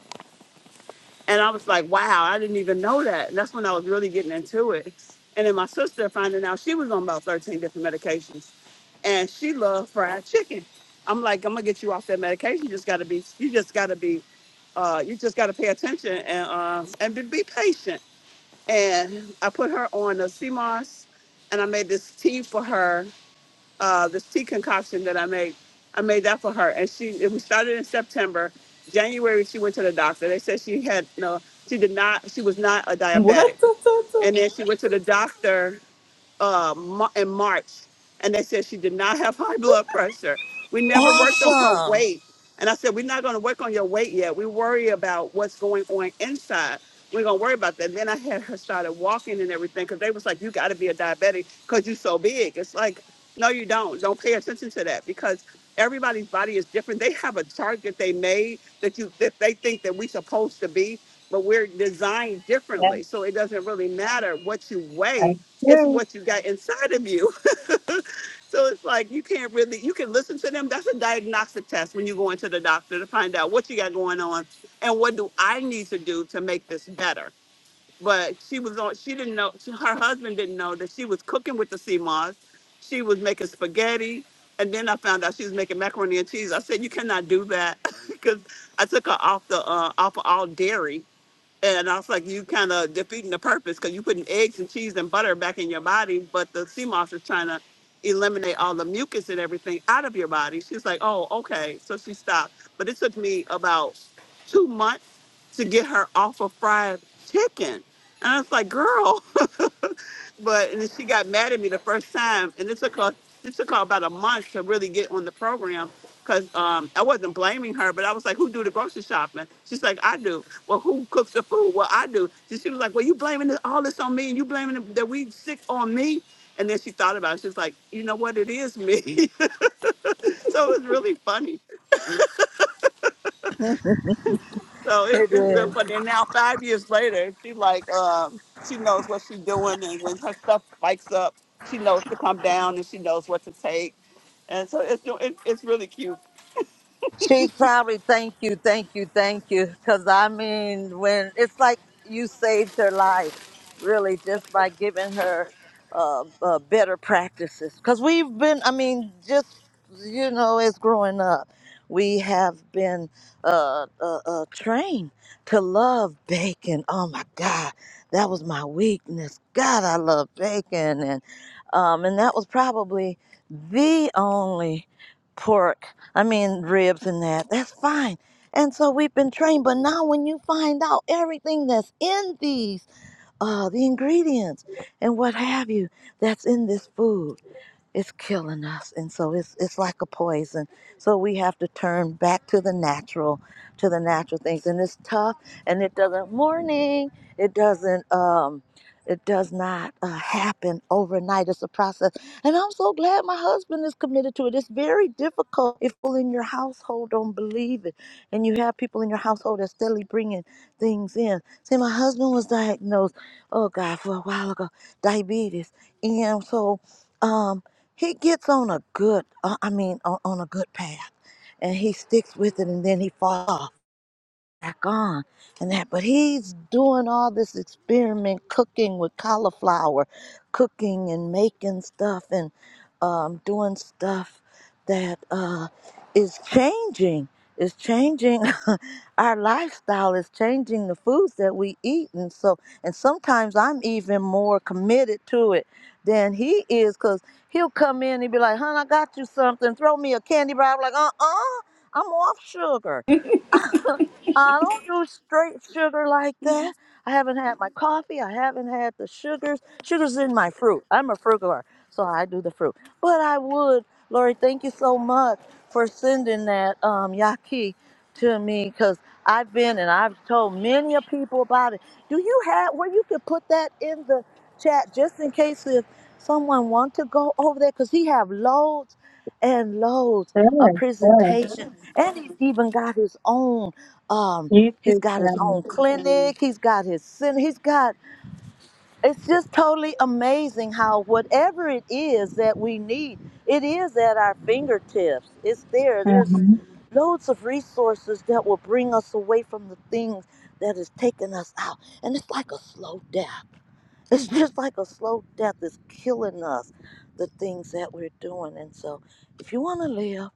[SPEAKER 11] and I was like, "Wow, I didn't even know that." And that's when I was really getting into it. And then my sister finding out she was on about thirteen different medications, and she loved fried chicken. I'm like, "I'm gonna get you off that medication. You just gotta be. You just gotta be. Uh, you just gotta pay attention and uh, and be, be patient." and I put her on a sea moss, and I made this tea for her, uh, this tea concoction that I made. I made that for her, and she. It was started in September. January, she went to the doctor. They said she had no. She did not. She was not a
[SPEAKER 1] *laughs*
[SPEAKER 11] diabetic,
[SPEAKER 1] What? Ta, ta, ta.
[SPEAKER 11] and then she went to the doctor uh, Mar- in March, and they said she did not have *laughs* high blood pressure. We never worked on her
[SPEAKER 3] Awesome.
[SPEAKER 11] weight. And I said, We're not going to work on your weight yet. We worry about what's going on inside. We're going to worry about that. And then I had her started walking and everything because they was like, You got to be a diabetic because you're so big. It's like, No, you don't. Don't pay attention to that because everybody's body is different. They have a chart that they made that you that they think that we're supposed to be, but we're designed
[SPEAKER 10] Yeah,
[SPEAKER 11] differently. So it doesn't really matter what you weigh
[SPEAKER 10] that's
[SPEAKER 11] it's
[SPEAKER 10] true.
[SPEAKER 11] what you got inside of you. *laughs* So it's like you can't really, you can listen to them. That's a diagnostic test when you go into the doctor to find out what you got going on and what do I need to do to make this better. But she was on, she didn't know, she, her husband didn't know that she was cooking with the sea moss. She was making spaghetti. And then I found out she was making macaroni and cheese. I said, you cannot do that *laughs* because I took her off the, uh, off of all dairy and I was like, you kind of defeating the purpose because you're putting eggs and cheese and butter back in your body, but the sea moss is trying to eliminate all the mucus and everything out of your body. She's like, oh, okay. So she stopped. But it took me about two months to get her off of fried chicken. And I was like, girl. *laughs* but and then she got mad at me the first time, and it took her it took her about a month to really get on the program because um, I wasn't blaming her, but I was like, "Who do the grocery shopping?" She's like, "I do." Well, who cooks the food? Well, I do. So she was like, "Well, you blaming this- all this on me, and you blaming it- that we sick on me." And then she thought about it. She's like, "You know what? It is me." *laughs* so it was really funny So it,
[SPEAKER 3] It
[SPEAKER 11] it's been
[SPEAKER 3] is.
[SPEAKER 11] funny. And now five years later, she like um, she knows what she's doing, and when her stuff spikes up, she knows to come down and she knows what to take. And so it's it, it's really cute.
[SPEAKER 3] She's probably thank you, thank you, thank you. Cause I mean, when it's like you saved her life, really, just by giving her uh, uh, better practices. Cause we've been, I mean, just you know, as growing up, we have been uh, uh, uh, trained to love bacon. Oh my God, that was my weakness. God, I love bacon, and um, and that was probably the only pork I mean, ribs and that. That's fine. And so we've been trained, but now when you find out everything that's in these, uh, the ingredients and what have you, that's in this food, it's killing us and so it's it's like a poison so we have to turn back to the natural to the natural things and it's tough and it doesn't morning it doesn't um it does not uh, happen overnight it's a process and i'm so glad my husband is committed to it it's very difficult if people in your household don't believe it and you have people in your household that's steadily bringing things in see my husband was diagnosed oh god for a while ago diabetes and so um he gets on a good uh, i mean on, on a good path and he sticks with it and then he falls off back on and that but he's doing all this experiment cooking with cauliflower cooking and making stuff and um, doing stuff that uh, is changing is changing *laughs* our lifestyle is changing the foods that we eat and so and sometimes i'm even more committed to it than he is because he'll come in and be like hon i got you something throw me a candy bar I'm like uh-uh i'm off sugar I don't do straight sugar like that. I haven't had my coffee. I haven't had the sugars. Sugar's in my fruit. I'm a fruit girl, so I do the fruit. But I would, Lori, thank you so much for sending that um, yaki to me because I've been and I've told many of people about it. Do you have where you could put that in the chat just in case if someone want to go over there because he have loads and loads of
[SPEAKER 10] Sure, sure.
[SPEAKER 3] presentation and he's even got his own um
[SPEAKER 10] You
[SPEAKER 3] he's
[SPEAKER 10] too,
[SPEAKER 3] got his own
[SPEAKER 10] Kevin.
[SPEAKER 3] *laughs* clinic he's got his center he's got it's just totally amazing how whatever it is that we need it is at our fingertips it's there there's
[SPEAKER 10] Mm-hmm.
[SPEAKER 3] loads of resources that will bring us away from the things that is taking us out and it's like a slow death it's just like a slow death is killing us the things that we're doing and so if you want to live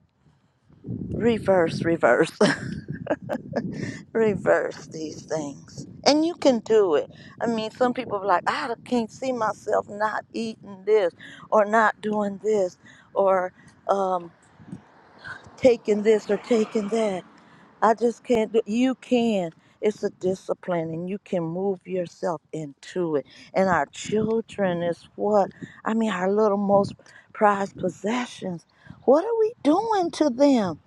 [SPEAKER 3] reverse reverse *laughs* reverse these things. And you can do it. I mean, some people are like, I can't see myself not eating this or not doing this or um, taking this or taking that. I just can't do you can. It's a discipline and you can move yourself into it. And our children is what I mean our little most prized possessions. What are we doing to them?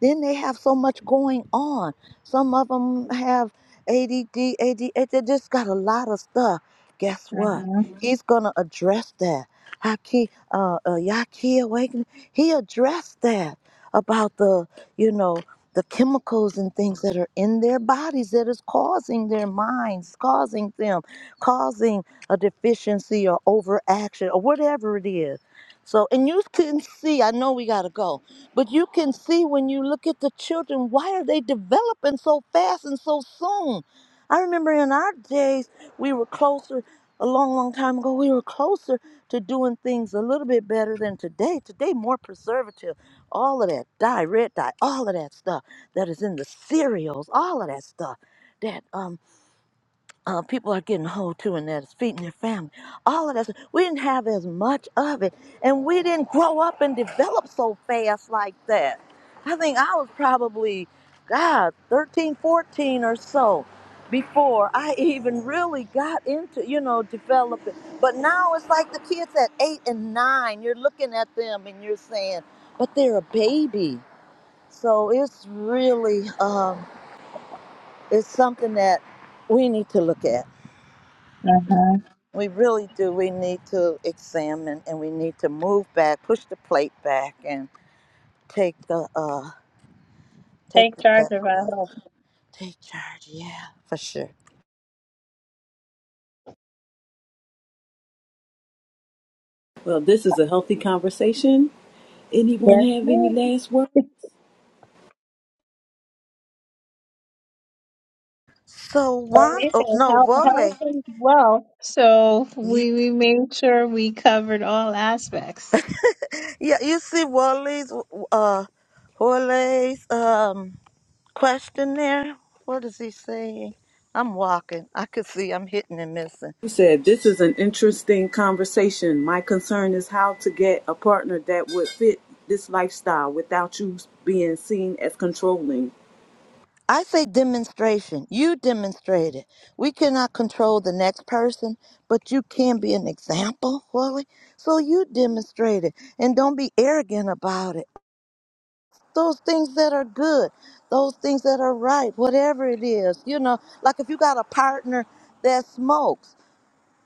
[SPEAKER 3] Then they have so much going on. Some of them have ADD, ADHD. They just got a lot of stuff. Guess what?
[SPEAKER 10] Mm-hmm.
[SPEAKER 3] Mhm. He's gonna address that. Haki, uh, uh, Yaki awakening. He addressed that about the, you know, the chemicals and things that are in their bodies that is causing their minds, causing them, causing a deficiency or overaction or whatever it is. So, and you can see, I know we got to go, but you can see when you look at the children, why are they developing so fast and so soon? I remember in our days, we were closer, a long, long time ago, we were closer to doing things a little bit better than today. Today, more preservative, all of that dye, red dye, all of that stuff that is in the cereals, all of that stuff that um uh, people are getting hold to and that is feeding their family. All of that. stuff. We didn't have as much of it, and we didn't grow up and develop so fast like that. I think I was probably, God, 13, 14, or so before I even really got into, you know, developing. But now it's like the kids at eight and nine, you're looking at them and you're saying, but they're a baby. So it's really, um, it's something that we need to look at.
[SPEAKER 10] Mm-hmm.
[SPEAKER 3] We really do. We need to examine and we need to move back, push the plate back, and take the uh, take
[SPEAKER 10] Take
[SPEAKER 3] the
[SPEAKER 10] charge of
[SPEAKER 3] better
[SPEAKER 10] our
[SPEAKER 3] road.
[SPEAKER 10] health.
[SPEAKER 3] Take charge, yeah, for sure.
[SPEAKER 1] Well, this is a healthy conversation. Anyone
[SPEAKER 10] Yes,
[SPEAKER 1] have any
[SPEAKER 10] ma'am.
[SPEAKER 1] last words?
[SPEAKER 3] So
[SPEAKER 10] Well,
[SPEAKER 3] one,
[SPEAKER 10] they say
[SPEAKER 3] oh, no,
[SPEAKER 10] health, health
[SPEAKER 3] Wole.
[SPEAKER 10] is wealth. So
[SPEAKER 3] Yeah,
[SPEAKER 10] we, we made sure we covered all aspects.
[SPEAKER 3] yeah, you see Wole's uh, Wole's um question there. What is he saying? I'm walking. I could see I'm hitting and missing.
[SPEAKER 1] You said this is an interesting conversation. My concern is how to get a partner that would fit this lifestyle without you being seen as controlling.
[SPEAKER 3] I say demonstration. You demonstrated. We cannot control the next person, but you can be an example, Chloe. So you demonstrated. And don't be arrogant about it. Those things that are good, those things that are right, whatever it is. You know, like if you got a partner that smokes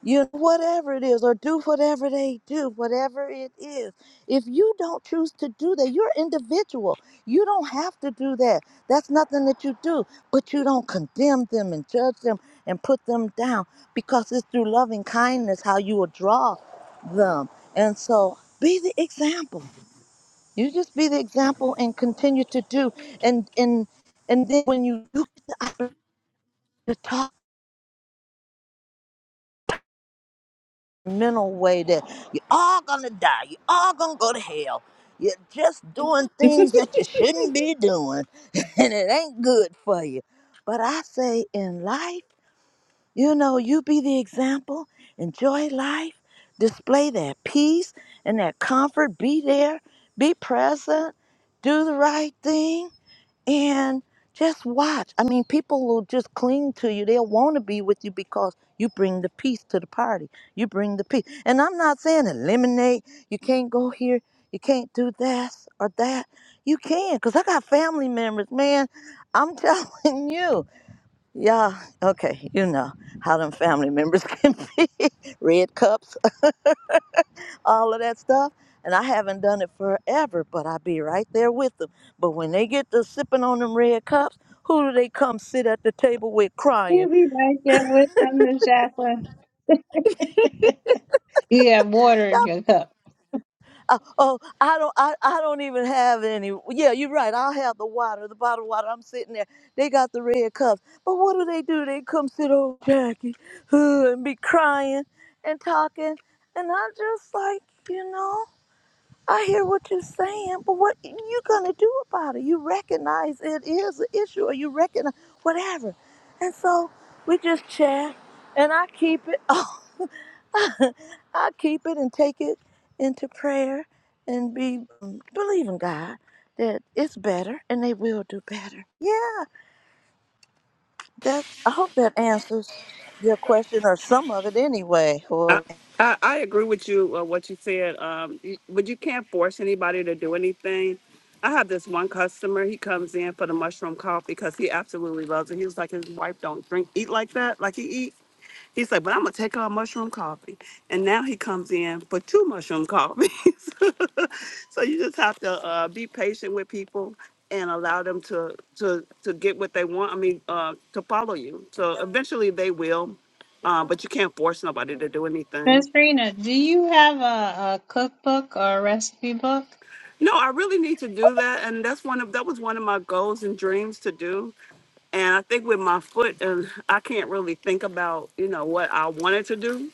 [SPEAKER 3] you know, whatever it is, or do whatever they do, whatever it is. If you don't choose to do that, you're individual. You don't have to do that. That's nothing that you do. But you don't condemn them and judge them and put them down because it's through loving kindness how you will draw them. And so be the example. You just be the example and continue to do. And and and then when you do get the opportunity to talk mental way that you're all gonna die, you're all gonna go to hell. You're just doing things that you shouldn't be doing, *laughs* and it ain't good for you. But I say in life, you know, you be the example, enjoy life, display that peace and that comfort, be there, be present, do the right thing and just watch. I mean, people will just cling to you. They'll want to be with you because you bring the peace to the party. You bring the peace. And I'm not saying eliminate. You can't go here. You can't do this or that. You can, because I got family members, man. I'm *laughs* telling you. Yeah, okay, you know how them family members *laughs* can be. Red cups all of that stuff. And I haven't done it forever, but I be right there with them. But when they get to sipping on them red cups, who do they come sit at the table with crying?
[SPEAKER 10] You'll be right there with them, Miss Jacqueline. *laughs* you have water in
[SPEAKER 3] That-
[SPEAKER 10] your cup.
[SPEAKER 3] uh, oh, I don't, I, I don't even have any. Yeah, you're right. I'll have the water, the bottled water. I'm sitting there. They got the red cups, but what do they do? They come sit on Jackie *sighs* and be crying and talking, and I just like, you know. I hear what you're saying, but what you gonna do about it? You recognize it is an issue, or you recognize whatever, and so we just chat, and I keep it. *laughs* Oh, I keep it and take it into prayer, and be um, believe in God that it's better, and they will do better. Yeah, that I hope that answers your question or some of it anyway.
[SPEAKER 11] I,
[SPEAKER 3] Well,
[SPEAKER 11] I I agree with you uh, what you said, um, you- but you can't force anybody to do anything. I have this one customer. He comes in for the mushroom coffee because he absolutely loves it. He was like, his wife don't drink eat like that, like he eat. He's like, but I'm gonna take our mushroom coffee. And now he comes in for two mushroom coffees. *laughs* so you just have to uh, be patient with people and allow them to to to get what they want. I mean, uh, to follow you. So eventually they will uh, but you can't force nobody to do
[SPEAKER 10] Miss
[SPEAKER 11] anything.
[SPEAKER 10] Rena, do you have a, a cookbook or a recipe book?
[SPEAKER 11] No, I really need to do that, and that's one of that was one of my goals and dreams to do. And I think with my foot, and I can't really think about you know what I wanted to do.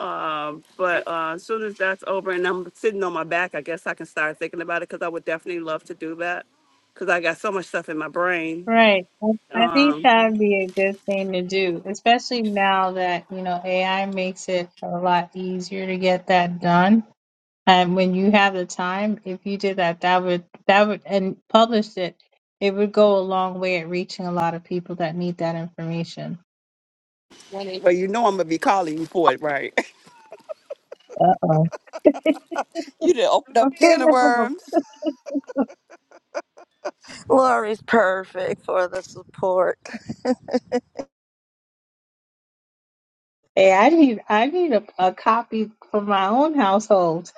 [SPEAKER 11] *laughs* um, but uh, as soon as that's over and I'm sitting on my back, I guess I can start thinking about it because I would definitely love to do that because I got so much stuff in my brain.
[SPEAKER 10] Right. I I think
[SPEAKER 11] Um,
[SPEAKER 10] that would be a good thing to do, especially now that, you know, AI makes it a lot easier to get that done. And when you have the time, if you did that, that would that would and published it, it would go a long way at reaching a lot of people that need that information.
[SPEAKER 11] well, you know I'm gonna be calling you for it, right?
[SPEAKER 10] Uh-oh.
[SPEAKER 11] *laughs* you did open up a
[SPEAKER 10] Okay.
[SPEAKER 11] can of worms.
[SPEAKER 3] Lori's perfect for the support.
[SPEAKER 10] Hey, I need I need a, a copy for my own household.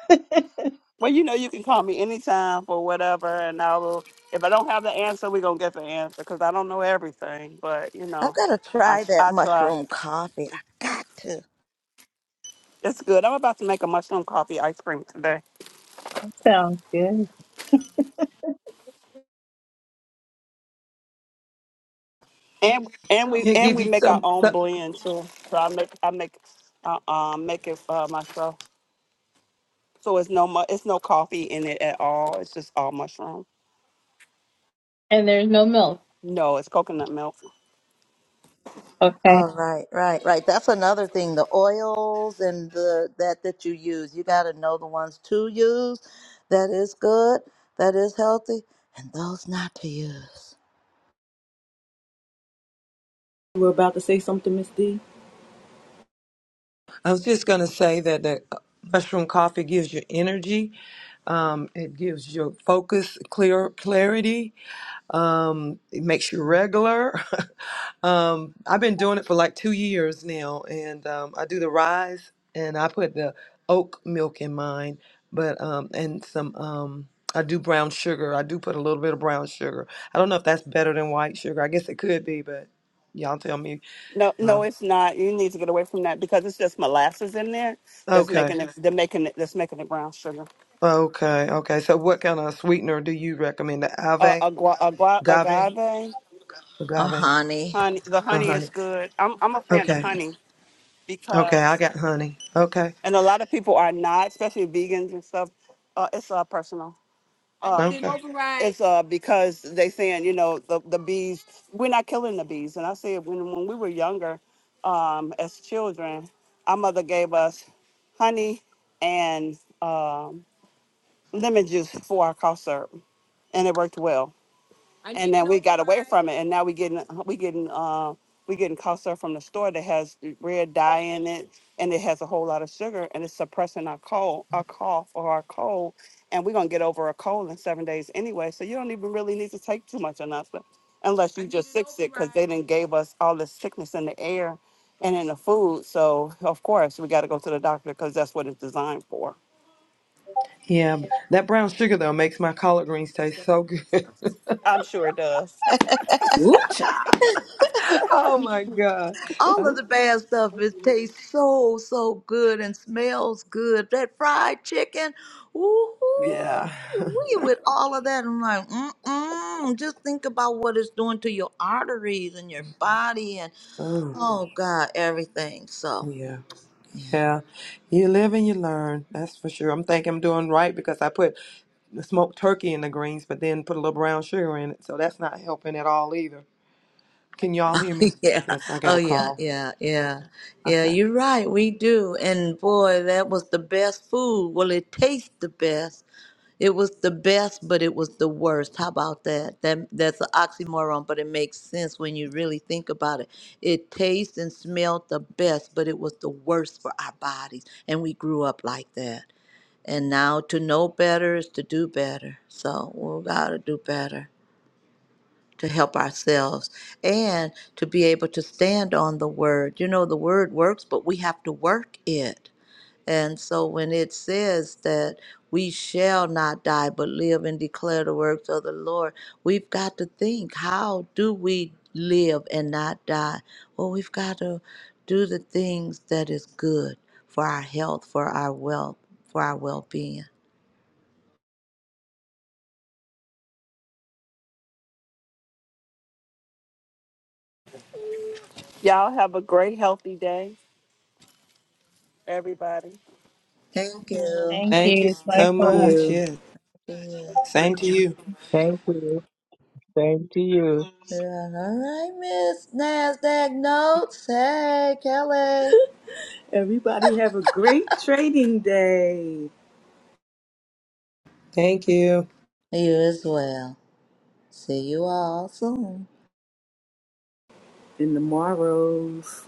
[SPEAKER 11] Well, you know, you can call me anytime for whatever, and I will. If I don't have the answer, we're gonna get the answer because I don't know everything. But you
[SPEAKER 3] I've
[SPEAKER 11] know,
[SPEAKER 3] got to
[SPEAKER 11] I
[SPEAKER 3] try that
[SPEAKER 11] I try.
[SPEAKER 3] mushroom coffee. I got to.
[SPEAKER 11] It's good. I'm about to make a mushroom coffee ice cream today,
[SPEAKER 10] *laughs* Sounds good.
[SPEAKER 11] and and we
[SPEAKER 8] It
[SPEAKER 11] and
[SPEAKER 8] give
[SPEAKER 11] we
[SPEAKER 8] you
[SPEAKER 11] make our
[SPEAKER 8] some
[SPEAKER 11] own blend too. So I make I make uh, um make it uh, myself. So it's no mu- it's no coffee in it at all. It's just all mushroom.
[SPEAKER 10] And there's no milk.
[SPEAKER 11] No, it's coconut milk.
[SPEAKER 10] Okay.
[SPEAKER 3] All right, right, right. That's another thing. The oils and the that that you use. You got to know the ones to use. That is good. That is healthy, and those not to use.
[SPEAKER 1] You were about to say something, Miss D.
[SPEAKER 8] I was just gonna say that the uh, mushroom coffee gives you energy. Um, it gives you focus, clear clarity. Um, it makes you regular. *laughs* um, I've been doing it for like two years now, and um, I do the rise, and I put the oat milk in mine, but um, and some um, I do brown sugar. I do put a little bit of brown sugar. I don't know if that's better than white sugar. I guess it could be, but y'all tell me.
[SPEAKER 11] No,
[SPEAKER 8] Uh,
[SPEAKER 11] no, it's not. You need to get away from that because it's just molasses in there that's
[SPEAKER 8] okay,
[SPEAKER 11] making it. They're making it. That's making it brown sugar.
[SPEAKER 8] okay, okay. So, what kind of sweetener do you recommend? The
[SPEAKER 11] Uh,
[SPEAKER 8] agave,
[SPEAKER 11] agua, agua,
[SPEAKER 8] agave,
[SPEAKER 11] agave,
[SPEAKER 3] Or
[SPEAKER 8] agave.
[SPEAKER 3] honey.
[SPEAKER 11] honey. The
[SPEAKER 8] Uh,
[SPEAKER 11] honey
[SPEAKER 3] honey.
[SPEAKER 8] honey.
[SPEAKER 11] is good. I'm I'm a fan of
[SPEAKER 8] Okay,
[SPEAKER 11] honey
[SPEAKER 8] okay. I
[SPEAKER 11] because,
[SPEAKER 8] got honey. Okay,
[SPEAKER 11] and a lot of people are not, especially vegans and stuff. Uh, it's uh, personal. Uh,
[SPEAKER 8] okay.
[SPEAKER 11] it's uh because they saying you know the the bees. We're not killing the bees, and I say when when we were younger, um, as children, our mother gave us honey and um, lemon juice for our cough syrup, and it worked well. and then we got away from it, and now we getting uh, we getting uh, we getting cough syrup from the store that has red dye in it, and it has a whole lot of sugar, and it's suppressing our cold, our cough, or our cold, and we're gonna get over a cold in seven days anyway. So you don't even really need to take too much enough, unless you just sick sick, because they didn't gave us all this sickness in the air and in the food. So of course we got to go to the doctor because that's what it's designed for.
[SPEAKER 8] Yeah, b- that brown sugar though makes my collard greens taste so good.
[SPEAKER 11] I'm sure it does.
[SPEAKER 1] Woo child.
[SPEAKER 8] *laughs* oh my god.
[SPEAKER 3] all
[SPEAKER 8] I-
[SPEAKER 3] of the bad stuff it tastes so so good and smells good that fried chicken ooh
[SPEAKER 8] yeah. *laughs*
[SPEAKER 3] we with all of that i'm like mm-mm just think about what it's doing to your arteries and your body and
[SPEAKER 8] Oh
[SPEAKER 3] oh god everything so
[SPEAKER 8] yeah. Yeah. You live and you learn. That's for sure. I'm thinking I'm doing right because I put the smoked turkey in the greens, but then put a little brown sugar in it, so that's not helping at all either. Can y'all hear me?
[SPEAKER 3] *laughs* yeah
[SPEAKER 8] Yes, I got
[SPEAKER 3] oh
[SPEAKER 8] a
[SPEAKER 3] yeah
[SPEAKER 8] call.
[SPEAKER 3] yeah yeah yeah
[SPEAKER 8] Okay.
[SPEAKER 3] you're right we do and boy that was the best food well it tastes the best It was the best, but it was the worst. How about that? That that's an oxymoron, but it makes sense when you really think about it. It tastes and smelled the best, but it was the worst for our bodies, and we grew up like that. And now to know better is to do better. So we gotta do better to help ourselves and to be able to stand on the word. You know, the word works, but we have to work it and so when it says that we shall not die but live and declare the works of the Lord, we've got to think how do we live and not die? Well, we've got to do the things that is good for our health, for our wealth, for our well-being.
[SPEAKER 11] Y'all have a great healthy day, everybody.
[SPEAKER 3] Thank you.
[SPEAKER 10] Thank
[SPEAKER 8] Thank you
[SPEAKER 10] you.
[SPEAKER 1] Thank
[SPEAKER 8] so
[SPEAKER 10] Michael.
[SPEAKER 8] much.
[SPEAKER 1] you.
[SPEAKER 8] Yes.
[SPEAKER 3] Yeah.
[SPEAKER 8] Same to you.
[SPEAKER 4] Thank you. Thank you.
[SPEAKER 3] Yeah. All right, Miss Nasdaq Notes. Hey, Kelly.
[SPEAKER 1] Everybody have a great trading day
[SPEAKER 8] Thank you.
[SPEAKER 3] You as well. See you all soon.
[SPEAKER 1] in the morrows.